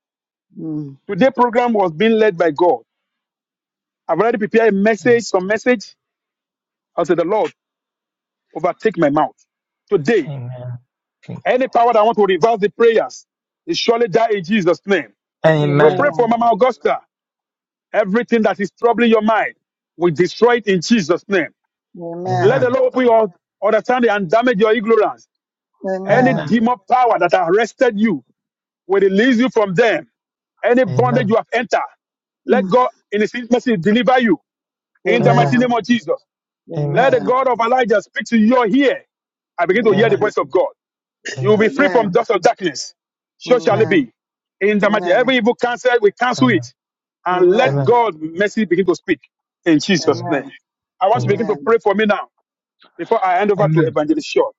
Speaker 6: Mm.
Speaker 2: Today's program was being led by God. I've already prepared a message, some message. I said, the Lord, overtake my mouth. Today,
Speaker 3: you.
Speaker 2: any power that want to reverse the prayers is surely die in Jesus' name. We
Speaker 3: Amen.
Speaker 2: pray for
Speaker 6: Amen.
Speaker 2: Mama Augusta. Everything that is troubling your mind, we destroy it in Jesus' name.
Speaker 3: Amen.
Speaker 2: Let the
Speaker 6: Amen.
Speaker 3: Amen.
Speaker 2: Lord open your understanding and damage your ignorance.
Speaker 3: Amen.
Speaker 2: Any
Speaker 6: Amen.
Speaker 2: demon power that arrested you will release you from them.
Speaker 3: Amen.
Speaker 2: Any bondage you have entered, let
Speaker 6: Mm.
Speaker 2: God in His mercy deliver you in the mighty name
Speaker 6: Amen.
Speaker 2: of Jesus. Let the
Speaker 6: Amen.
Speaker 2: God of Elijah speak to your ear. I begin to hear the
Speaker 6: Amen.
Speaker 2: voice of God. You will be free
Speaker 6: Amen.
Speaker 2: from dust of darkness. So
Speaker 3: Amen.
Speaker 2: shall
Speaker 3: Amen.
Speaker 2: it be. In
Speaker 6: Amen. Amen.
Speaker 2: the mighty, every
Speaker 6: Amen.
Speaker 2: evil cancel. we
Speaker 3: Amen.
Speaker 2: cancel it.
Speaker 3: Amen.
Speaker 2: And let
Speaker 6: Amen.
Speaker 3: Amen.
Speaker 2: God mercy begin to speak in Jesus' name. I
Speaker 3: Amen. Amen.
Speaker 2: want to begin to
Speaker 6: Amen.
Speaker 2: pray for me now before I hand over to
Speaker 3: Amen.
Speaker 2: Evangelist Shaw.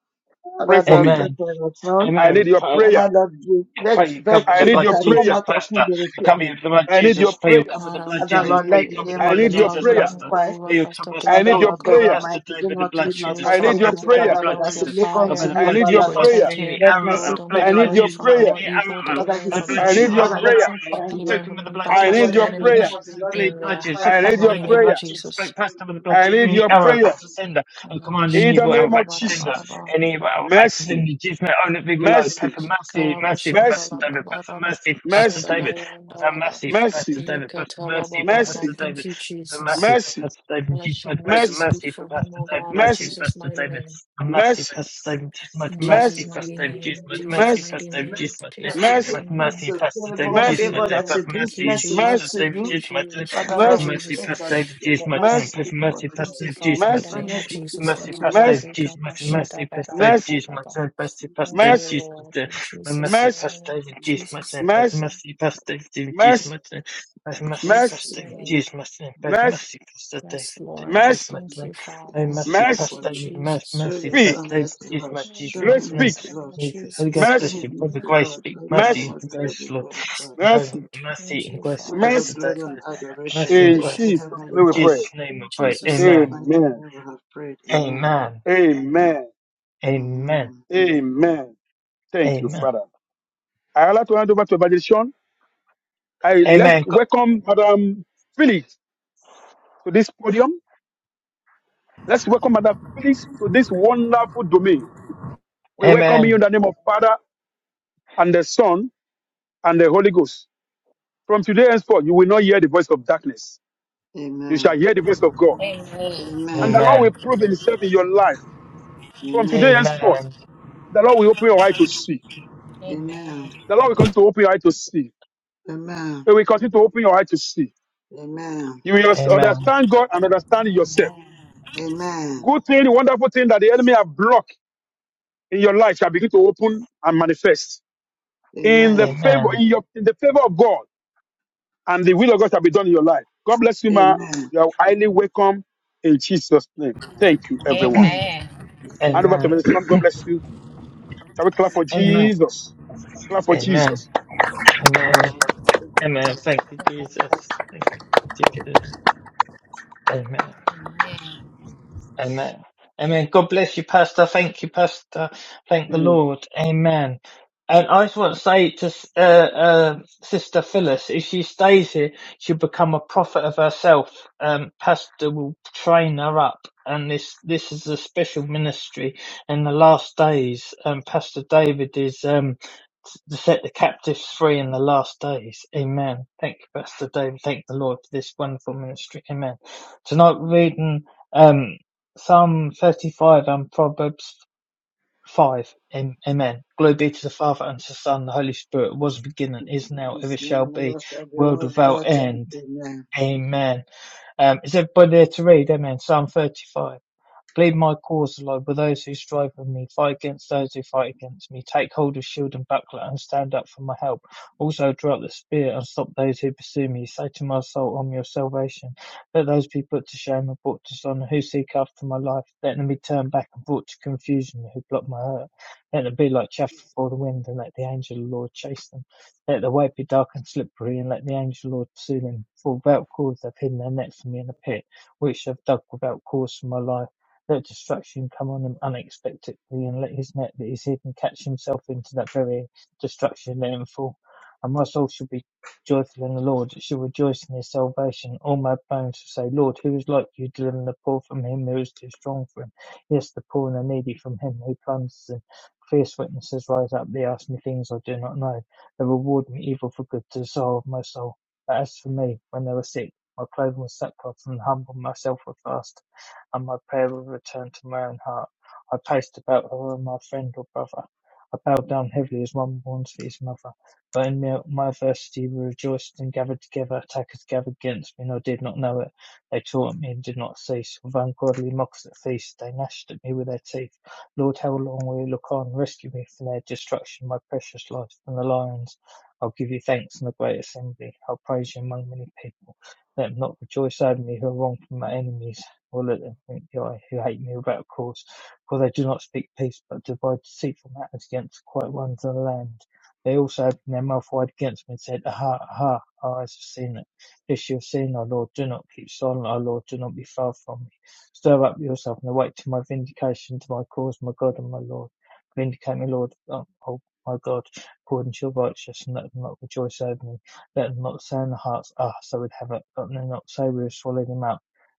Speaker 2: Pray
Speaker 6: Father
Speaker 2: for
Speaker 6: Lord,
Speaker 2: me.
Speaker 6: pray for your son.
Speaker 2: I
Speaker 3: Amen.
Speaker 2: need your
Speaker 3: Amen.
Speaker 2: prayer.
Speaker 6: Father Lord, we-
Speaker 3: I
Speaker 6: let
Speaker 3: pray you come with the
Speaker 2: I
Speaker 6: virtue
Speaker 2: need
Speaker 6: that
Speaker 3: blood
Speaker 2: your
Speaker 6: has come
Speaker 2: prayer.
Speaker 3: Jesus,
Speaker 6: out of him
Speaker 3: Pastor.
Speaker 6: be
Speaker 3: I cover you
Speaker 6: returned.
Speaker 3: with the blood
Speaker 2: I need your
Speaker 3: Jesus. Pray you
Speaker 2: prayer.
Speaker 3: come with
Speaker 1: Lord,
Speaker 3: the
Speaker 1: I we
Speaker 3: blood
Speaker 6: Father
Speaker 3: Jesus.
Speaker 6: Lord,
Speaker 1: pray,
Speaker 3: Pray
Speaker 6: let
Speaker 3: you
Speaker 6: the
Speaker 3: come with the
Speaker 6: name
Speaker 2: I
Speaker 1: Lord,
Speaker 6: of
Speaker 3: blood
Speaker 6: the
Speaker 1: your
Speaker 2: need your
Speaker 6: Lord be
Speaker 3: Jesus,
Speaker 2: prayer.
Speaker 1: covering
Speaker 3: Pastor.
Speaker 6: glorified.
Speaker 1: over
Speaker 3: Pray you come,
Speaker 1: Pastor
Speaker 2: I
Speaker 3: Pastor
Speaker 6: Father
Speaker 2: need
Speaker 1: David,
Speaker 3: Lord.
Speaker 1: oh
Speaker 2: your
Speaker 6: Lord
Speaker 3: Come,
Speaker 6: God
Speaker 2: prayer.
Speaker 1: God.
Speaker 3: Pastor
Speaker 6: Almighty,
Speaker 3: David,
Speaker 6: do
Speaker 3: with the
Speaker 6: not
Speaker 3: blood
Speaker 6: leave nor
Speaker 3: Jesus.
Speaker 1: Saturate
Speaker 2: I
Speaker 3: Come on,
Speaker 2: need
Speaker 6: forsake
Speaker 1: him
Speaker 2: your
Speaker 1: with
Speaker 3: Pastor
Speaker 6: him,
Speaker 1: your
Speaker 3: David, with the
Speaker 2: prayer.
Speaker 6: Father
Speaker 3: blood
Speaker 6: Lord,
Speaker 1: oil, with
Speaker 6: as he
Speaker 1: your
Speaker 3: Jesus.
Speaker 6: look
Speaker 3: I pray
Speaker 6: unto
Speaker 3: the
Speaker 1: fire.
Speaker 2: I
Speaker 6: you,
Speaker 3: blood
Speaker 2: need your
Speaker 3: Jesus
Speaker 6: Father Lord.
Speaker 3: flashing
Speaker 2: prayer.
Speaker 1: Protect
Speaker 3: the
Speaker 1: him,
Speaker 6: Let
Speaker 1: oh
Speaker 3: arrow
Speaker 6: mercy
Speaker 1: Lord,
Speaker 3: out.
Speaker 1: and
Speaker 3: Play
Speaker 6: speak
Speaker 2: I
Speaker 3: blood
Speaker 2: need
Speaker 6: for
Speaker 1: deliver
Speaker 2: your
Speaker 1: him
Speaker 3: Jesus
Speaker 6: him,
Speaker 1: from
Speaker 6: Lord.
Speaker 2: prayer.
Speaker 3: flashing
Speaker 1: all
Speaker 3: the
Speaker 1: evil.
Speaker 3: arrow out.
Speaker 6: Father,
Speaker 1: Deliver
Speaker 6: he
Speaker 1: him
Speaker 3: I
Speaker 1: from
Speaker 3: blood
Speaker 2: I
Speaker 6: seeks
Speaker 1: every
Speaker 3: Jesus
Speaker 2: need
Speaker 6: you,
Speaker 2: your
Speaker 6: Father,
Speaker 3: flashing
Speaker 1: arm.
Speaker 6: let
Speaker 3: the
Speaker 2: prayer.
Speaker 6: him
Speaker 3: arrow out.
Speaker 6: find
Speaker 3: I'm
Speaker 1: Deliver
Speaker 6: you.
Speaker 1: him
Speaker 3: talking
Speaker 1: from
Speaker 3: with the
Speaker 1: any
Speaker 3: blood
Speaker 2: I
Speaker 6: Father
Speaker 1: backlash
Speaker 2: need
Speaker 1: of
Speaker 3: Jesus.
Speaker 6: Lord,
Speaker 1: the
Speaker 2: your
Speaker 6: let the
Speaker 3: I
Speaker 1: enemy.
Speaker 6: name
Speaker 3: guess
Speaker 2: prayer.
Speaker 6: of the Lord be
Speaker 3: bleed
Speaker 1: In
Speaker 3: blood
Speaker 1: there,
Speaker 3: Jesus. So
Speaker 6: glorified
Speaker 2: I
Speaker 6: in
Speaker 1: in
Speaker 2: need
Speaker 1: the
Speaker 6: his
Speaker 3: Pastor
Speaker 2: your
Speaker 3: David,
Speaker 1: mighty
Speaker 3: with
Speaker 6: life.
Speaker 3: the
Speaker 1: name of
Speaker 3: blood
Speaker 2: prayer.
Speaker 3: Jesus.
Speaker 1: Jesus.
Speaker 3: Break Pastor with the
Speaker 6: Thank
Speaker 3: blood
Speaker 2: I
Speaker 6: you,
Speaker 3: Jesus.
Speaker 2: need
Speaker 6: Lord,
Speaker 3: The
Speaker 2: your
Speaker 6: we
Speaker 3: arrow oh. back
Speaker 2: prayer.
Speaker 3: to sender. I command in the
Speaker 2: In the
Speaker 3: evil arrow
Speaker 2: name of
Speaker 3: back to sender.
Speaker 2: Jesus.
Speaker 3: Anyway, well, back to
Speaker 2: Mercy,
Speaker 3: Cindy Gisman, owner of Below,
Speaker 2: mercy,
Speaker 3: Pepper Mercy, Mercy for
Speaker 1: Karabashanda
Speaker 3: Pastor
Speaker 2: mercy,
Speaker 3: David,
Speaker 1: Laba
Speaker 3: Pepper
Speaker 1: Laba
Speaker 3: Mercy for Pastor
Speaker 2: mercy,
Speaker 3: David,
Speaker 1: Sadabayanda
Speaker 3: Pepper
Speaker 1: Laba
Speaker 3: Mercy for Pastor
Speaker 2: mercy,
Speaker 3: David, Pepper
Speaker 1: Rikatala
Speaker 3: Mercy for
Speaker 1: Baba Baba.
Speaker 3: Pastor
Speaker 2: mercy,
Speaker 1: Thank
Speaker 3: David,
Speaker 1: you,
Speaker 3: Pepper Mercy
Speaker 1: Jesus.
Speaker 3: for
Speaker 2: mercy,
Speaker 3: Pastor David,
Speaker 1: Let your
Speaker 3: Gisman, Pepper
Speaker 1: mercy
Speaker 2: mercy,
Speaker 1: speak
Speaker 3: Mercy for
Speaker 1: for him,
Speaker 3: Pastor
Speaker 1: O
Speaker 3: David,
Speaker 1: God, in
Speaker 3: Mercy
Speaker 2: mercy,
Speaker 3: for
Speaker 1: Jesus'
Speaker 3: Pastor
Speaker 1: mighty
Speaker 3: David,
Speaker 1: name.
Speaker 3: and Mercy for
Speaker 2: mercy,
Speaker 3: Pastor David, Gisman,
Speaker 1: In Jesus'
Speaker 3: Mercy
Speaker 2: mercy, mercy,
Speaker 3: for
Speaker 6: bless
Speaker 1: mighty
Speaker 6: you,
Speaker 3: Pastor David,
Speaker 6: we thank
Speaker 1: name,
Speaker 3: Gisman,
Speaker 6: you.
Speaker 1: Jesus'
Speaker 3: Mercy for
Speaker 2: mercy,
Speaker 1: mighty
Speaker 3: Pastor David, Jesus,
Speaker 1: name,
Speaker 6: Mercy that
Speaker 1: Jesus'
Speaker 6: you
Speaker 3: Pepper
Speaker 1: mighty
Speaker 6: take me
Speaker 1: name.
Speaker 3: Mercy for
Speaker 6: to
Speaker 3: Pastor David,
Speaker 6: favor,
Speaker 1: Thank
Speaker 2: mercy, mercy,
Speaker 1: you,
Speaker 3: Gisman,
Speaker 6: favor that
Speaker 3: Pepper
Speaker 6: you
Speaker 1: Lord.
Speaker 6: bring
Speaker 1: Thank you,
Speaker 3: Mercy,
Speaker 6: blessing
Speaker 3: Jesus
Speaker 1: Jesus.
Speaker 2: mercy,
Speaker 6: unto
Speaker 1: Thank
Speaker 3: David,
Speaker 6: you.
Speaker 1: you,
Speaker 3: Gisman,
Speaker 1: Jesus.
Speaker 6: Father
Speaker 1: Thank you,
Speaker 3: Pepper
Speaker 2: mercy,
Speaker 6: Lord,
Speaker 3: Mercy
Speaker 6: we
Speaker 3: for
Speaker 1: Jesus.
Speaker 6: pray
Speaker 3: Pastor
Speaker 6: that you
Speaker 3: David,
Speaker 6: give that
Speaker 3: Gisman,
Speaker 6: mercy
Speaker 3: Pepper
Speaker 6: speak for
Speaker 3: Mercy
Speaker 6: him,
Speaker 3: for
Speaker 6: Lord.
Speaker 1: Thank
Speaker 3: Pastor
Speaker 1: you,
Speaker 3: David,
Speaker 1: Father. In
Speaker 3: Gisman,
Speaker 1: the
Speaker 6: Let
Speaker 1: name of
Speaker 6: mercy speak
Speaker 1: Jesus,
Speaker 6: for
Speaker 3: Mercy
Speaker 1: thank you,
Speaker 6: him.
Speaker 3: past Dave
Speaker 1: Lord.
Speaker 2: mercy,
Speaker 3: Juice, mercy, mercy
Speaker 1: Rikabashada
Speaker 3: past Dave
Speaker 2: mercy, mercy,
Speaker 3: Juice, mercy, mercy past
Speaker 6: Let
Speaker 1: Thank
Speaker 6: mercy
Speaker 3: Dave
Speaker 1: you,
Speaker 2: mercy,
Speaker 3: Juice,
Speaker 1: Lord.
Speaker 3: mercy,
Speaker 1: In Jesus'
Speaker 3: mercy
Speaker 2: mercy,
Speaker 3: past
Speaker 1: name,
Speaker 3: Dave
Speaker 1: In
Speaker 3: Juice,
Speaker 1: Jesus'
Speaker 3: mercy,
Speaker 2: mercy,
Speaker 1: name.
Speaker 3: mercy past Dave Juice,
Speaker 2: mercy,
Speaker 3: mercy,
Speaker 6: let
Speaker 3: mercy
Speaker 6: mercy
Speaker 2: mercy,
Speaker 3: past
Speaker 1: Jesus'
Speaker 6: speak
Speaker 3: Dave
Speaker 6: for
Speaker 1: name.
Speaker 3: Juice,
Speaker 6: him.
Speaker 3: mercy,
Speaker 2: mercy,
Speaker 3: mercy past Dave
Speaker 1: Yes, Lord.
Speaker 3: Juice,
Speaker 2: mercy,
Speaker 1: Thank
Speaker 3: mercy,
Speaker 1: you, Father.
Speaker 6: Mercy
Speaker 3: mercy
Speaker 6: speak
Speaker 2: mercy,
Speaker 3: past
Speaker 1: Thank
Speaker 6: for
Speaker 1: you,
Speaker 6: me.
Speaker 3: Dave, mercy,
Speaker 1: Jesus.
Speaker 6: Show
Speaker 3: mercy
Speaker 6: your
Speaker 2: speak,
Speaker 6: son mercy,
Speaker 3: Juice,
Speaker 6: Lord.
Speaker 3: mercy,
Speaker 1: Thank
Speaker 6: Show
Speaker 2: great
Speaker 1: you,
Speaker 6: him
Speaker 3: mercy.
Speaker 1: Lord.
Speaker 2: speak,
Speaker 6: mercy,
Speaker 1: In
Speaker 6: Lord.
Speaker 3: Holy
Speaker 1: Jesus'
Speaker 6: Show
Speaker 2: mercy,
Speaker 3: bless
Speaker 6: him
Speaker 1: name.
Speaker 3: you, by the
Speaker 6: mercy,
Speaker 3: grace,
Speaker 6: Lord.
Speaker 3: speak
Speaker 6: Let the name
Speaker 3: mercy
Speaker 2: mercy,
Speaker 6: of
Speaker 3: and
Speaker 6: the Lord be
Speaker 3: grace, Lord,
Speaker 1: Yes.
Speaker 6: glorified.
Speaker 3: and by
Speaker 2: mercy,
Speaker 1: Lord.
Speaker 3: mercy
Speaker 1: Thank
Speaker 3: and
Speaker 1: you,
Speaker 3: grace,
Speaker 6: Give
Speaker 1: Father.
Speaker 6: your
Speaker 3: Pastor
Speaker 2: mercy.
Speaker 6: glory and
Speaker 3: David,
Speaker 6: adoration.
Speaker 3: mercy and
Speaker 2: In
Speaker 6: Thank you,
Speaker 3: grace.
Speaker 2: Jesus'
Speaker 6: Heavenly
Speaker 2: name
Speaker 3: In
Speaker 2: we
Speaker 6: Father.
Speaker 2: pray.
Speaker 3: Jesus' name I
Speaker 1: In
Speaker 6: In
Speaker 3: pray,
Speaker 1: Jesus'
Speaker 6: Jesus'
Speaker 3: Amen.
Speaker 1: name.
Speaker 6: mighty
Speaker 2: Amen.
Speaker 6: name we have prayed. Amen.
Speaker 3: Amen.
Speaker 2: Amen.
Speaker 3: Amen.
Speaker 6: Amen.
Speaker 2: Amen. Thank you,
Speaker 3: Amen.
Speaker 2: Father. I would like to hand over to Evangelist Shaun. I let's
Speaker 3: Amen. Co-
Speaker 2: welcome Madam Felix to this podium. Let's welcome Madam Felix to this wonderful domain. We welcome you in
Speaker 3: Amen.
Speaker 2: the name of Father and the Son and the Holy Ghost. From today henceforth, you will not hear the voice of darkness. You
Speaker 6: Amen.
Speaker 2: shall hear the voice of God.
Speaker 5: Amen.
Speaker 2: And the Lord will
Speaker 3: Amen.
Speaker 2: prove himself in your life. From today
Speaker 6: Amen.
Speaker 2: henceforth,
Speaker 3: Amen.
Speaker 2: the Lord will open your eye to see.
Speaker 6: Amen.
Speaker 5: Amen.
Speaker 2: The Lord will continue to open your eye to see.
Speaker 6: Amen. Amen.
Speaker 2: He will continue to open your eye to see.
Speaker 6: Amen.
Speaker 2: You will just
Speaker 3: Amen.
Speaker 2: understand God and understand yourself.
Speaker 5: Amen.
Speaker 6: Amen.
Speaker 2: Good thing, wonderful thing that the enemy have blocked in your life shall begin to open and manifest in the
Speaker 6: Amen.
Speaker 2: favor
Speaker 3: Amen.
Speaker 2: in your in the favor of God and the will of God shall be done in your life. God bless you, ma.
Speaker 6: Amen.
Speaker 2: You are highly welcome in Jesus' name. Thank you, everyone.
Speaker 6: Amen.
Speaker 5: Amen.
Speaker 6: Thank you,
Speaker 2: Hand over
Speaker 6: Lord.
Speaker 2: to
Speaker 3: Amen.
Speaker 2: Minister Lord. God bless you. Shall we clap for
Speaker 3: Amen.
Speaker 2: Jesus? Clap for
Speaker 3: Amen.
Speaker 2: Jesus.
Speaker 3: Amen.
Speaker 5: Amen.
Speaker 3: Amen. Thank you, Jesus. Thank you, Jesus. Amen. Amen. Amen. God bless you, Pastor. Thank you, Pastor. Thank the
Speaker 2: Mm.
Speaker 3: Lord. Amen. And
Speaker 2: Mm.
Speaker 3: I just want to say to uh, uh, Sister Phyllis, if she stays here, she'll become a prophet of herself. Um, Pastor will train her up, and this this is a special ministry in the last days. Um, Pastor David is um, to set the captives free in the last days. Amen. Thank you, Pastor David. Thank the Lord for this wonderful ministry. Amen. Tonight, we're
Speaker 6: Amen.
Speaker 3: reading. Um, Psalm thirty-five and Proverbs five. Amen. Glory be to the Father and to the Son, and the Holy Spirit, was beginning, is now, ever
Speaker 6: It's now
Speaker 3: shall
Speaker 6: and
Speaker 3: be,
Speaker 6: ever shall be
Speaker 3: world
Speaker 6: world
Speaker 3: without
Speaker 6: without end.
Speaker 3: end.
Speaker 6: Amen.
Speaker 3: Amen. Um, is everybody there to read? Amen. Psalm 35. Plead my cause, Lord, with those who strive with me. Fight against those who fight against me. Take hold of shield and buckler and stand up for my help. Also draw up the spear and stop those who pursue me. Say to my soul, "On your salvation. Let those be put to shame and brought to dishonor who seek after my life. Let them be turned back and brought to confusion who block my hurt. Let them be like chaff before the wind and let the angel of the Lord chase them. Let the way be dark and slippery and let the angel of the Lord pursue them. For without cause they've hidden their net for me in a pit, which they've dug without cause for my life. Let destruction come on him unexpectedly, and let his net that is hidden catch himself into that very destruction, let him fall. And my soul shall be joyful in the Lord, it shall rejoice in his salvation. All my bones shall say, Lord, who is like you, delivering the poor from him who is too strong for him? Yes, the poor and the needy from him who plunders them. Fierce witnesses rise up, they ask me things I do not know. They reward me evil for good to the soul of my soul. But as for me, when they were sick, my clothing was sackcloth, and humbled myself with fast and my prayer will return to my own heart. I paced about her and my friend or brother. I bowed down heavily as one mourns for his mother. But in my my adversity we rejoiced and gathered together. Attackers gathered against me, and I did not know it. They tore at me and did not cease. With ungodly mocks at feast, they gnashed at me with their teeth. Lord, how long will you look on? Rescue me from their destruction, my precious life from the lions. I'll give you thanks in the great assembly. I'll praise you among many people. Let them not rejoice over me who are wronged from my enemies will look and think, "Who I who hate me without cause, for they do not speak peace, but divide deceitful matters against quiet ones in the land. They also opened their mouth wide against me and said, Aha, aha, our eyes have seen it. This you have seen, O Lord, do not keep silent, O Lord, do not be far from me. Stir up yourself and awake to my vindication, to my cause, my God and my Lord. Vindicate me, Lord, O my God, according to your righteousness, and let them not rejoice over me. Let them not say in their hearts, Ah, so we'd have it, but they not say we have swallowed him up."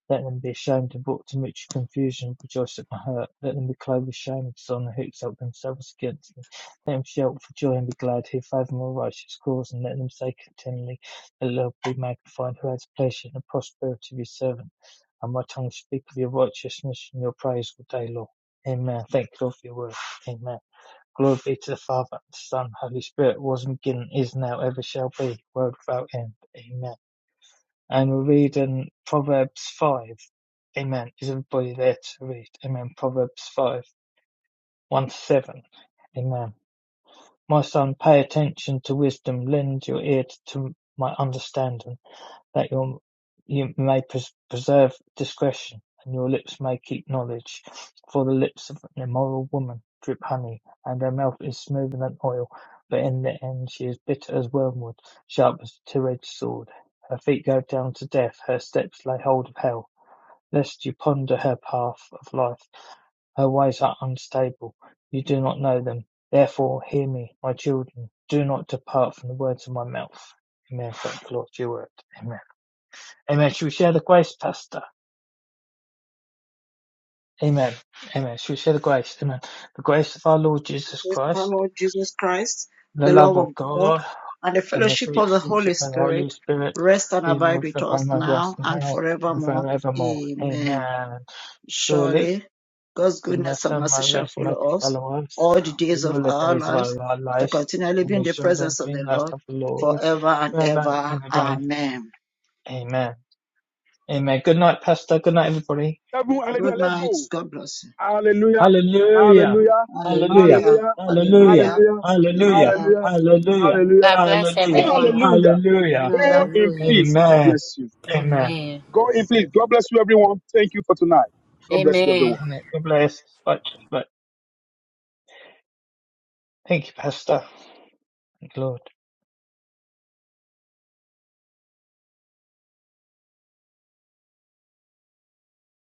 Speaker 3: Let them be ashamed and brought to much confusion, rejoice at my hurt. Let them be clothed with shame and dishonor who exalt themselves against me. Let them shout for joy and be glad who favour my righteous cause, and let them say continually, The Lord be magnified who has pleasure in the prosperity of your servant. And my tongue speak of your righteousness and your praise all day long. Amen. Thank you, Lord, for your word. Amen. Glory be to the Father, and the Son, Holy Spirit, was and beginning, is now, ever shall be, world without end. Amen. And we read in Proverbs 5, amen. Is everybody there to read? Amen. Proverbs 5, 1 to 7, amen. My son, pay attention to wisdom, lend your ear to my understanding that your you may pres- preserve discretion, and your lips may keep knowledge. For the lips of an immoral woman drip honey, and her mouth is smoother than oil, but in the end she is bitter as wormwood, sharp as a two-edged sword. Her feet go down to death, her steps lay hold of hell. Lest you ponder her path of life, her ways are unstable. You do not know them. Therefore, hear me, my children. Do not depart from the words of my mouth. Amen. Thank the Lord, your word. Amen. Amen. Should we share the grace, Pastor? Amen. Amen. Should we share the grace? Amen. The grace of our Lord Jesus
Speaker 6: grace of our
Speaker 3: Christ,
Speaker 6: Lord Jesus Christ,
Speaker 3: the
Speaker 6: the love
Speaker 3: love of
Speaker 6: of God,
Speaker 3: God,
Speaker 6: and the
Speaker 3: and the
Speaker 6: fellowship
Speaker 3: sweet
Speaker 6: of the
Speaker 3: fellowship
Speaker 6: Holy
Speaker 3: of the Holy
Speaker 6: Spirit
Speaker 3: Spirit
Speaker 6: rest and
Speaker 3: be
Speaker 6: abide
Speaker 3: with
Speaker 6: with us
Speaker 3: upon my us
Speaker 6: now and
Speaker 3: now and
Speaker 6: forevermore.
Speaker 3: forevermore.
Speaker 6: Amen.
Speaker 3: Amen. Surely,
Speaker 6: Surely God's goodness
Speaker 3: goodness
Speaker 6: and
Speaker 3: and
Speaker 6: mercy shall
Speaker 3: mercy must
Speaker 6: follow us
Speaker 3: follow us
Speaker 6: all the days of
Speaker 3: all the
Speaker 6: our
Speaker 3: days of
Speaker 6: lives,
Speaker 3: our our
Speaker 6: to
Speaker 3: lives,
Speaker 6: continually
Speaker 3: and
Speaker 6: be in
Speaker 3: we
Speaker 6: the
Speaker 3: shall dwell
Speaker 6: presence of
Speaker 3: in
Speaker 6: the
Speaker 3: the house
Speaker 6: Lord
Speaker 3: of the Lord
Speaker 6: forever and
Speaker 3: forever
Speaker 6: ever.
Speaker 3: and ever.
Speaker 6: Amen.
Speaker 3: Amen. Amen. Good night, Pastor. Good night, everybody.
Speaker 2: Everyone, hallelujah.
Speaker 6: Good
Speaker 2: Let's
Speaker 6: night.
Speaker 2: go.
Speaker 6: God bless you.
Speaker 2: Hallelujah.
Speaker 3: Hallelujah.
Speaker 2: Hallelujah.
Speaker 3: Hallelujah.
Speaker 6: Hallelujah.
Speaker 2: Hallelujah.
Speaker 3: Hallelujah.
Speaker 6: Hallelujah.
Speaker 2: Hallelujah.
Speaker 3: Hallelujah.
Speaker 6: Hallelujah.
Speaker 2: Hallelujah.
Speaker 3: Hallelujah.
Speaker 2: Hallelujah.
Speaker 5: God bless
Speaker 3: Hallelujah.
Speaker 5: everyone.
Speaker 6: Hallelujah.
Speaker 2: Hallelujah.
Speaker 3: Hallelujah.
Speaker 6: Hallelujah.
Speaker 2: Go in
Speaker 5: Hallelujah.
Speaker 2: peace. God
Speaker 3: Amen.
Speaker 2: bless you.
Speaker 3: Amen.
Speaker 5: Amen.
Speaker 2: Go in
Speaker 3: Bless.
Speaker 2: peace. God bless you, everyone. Thank you for tonight. God bless you,
Speaker 5: Amen.
Speaker 2: everyone.
Speaker 3: Amen. God bless. But but thank you, Pastor. Glory.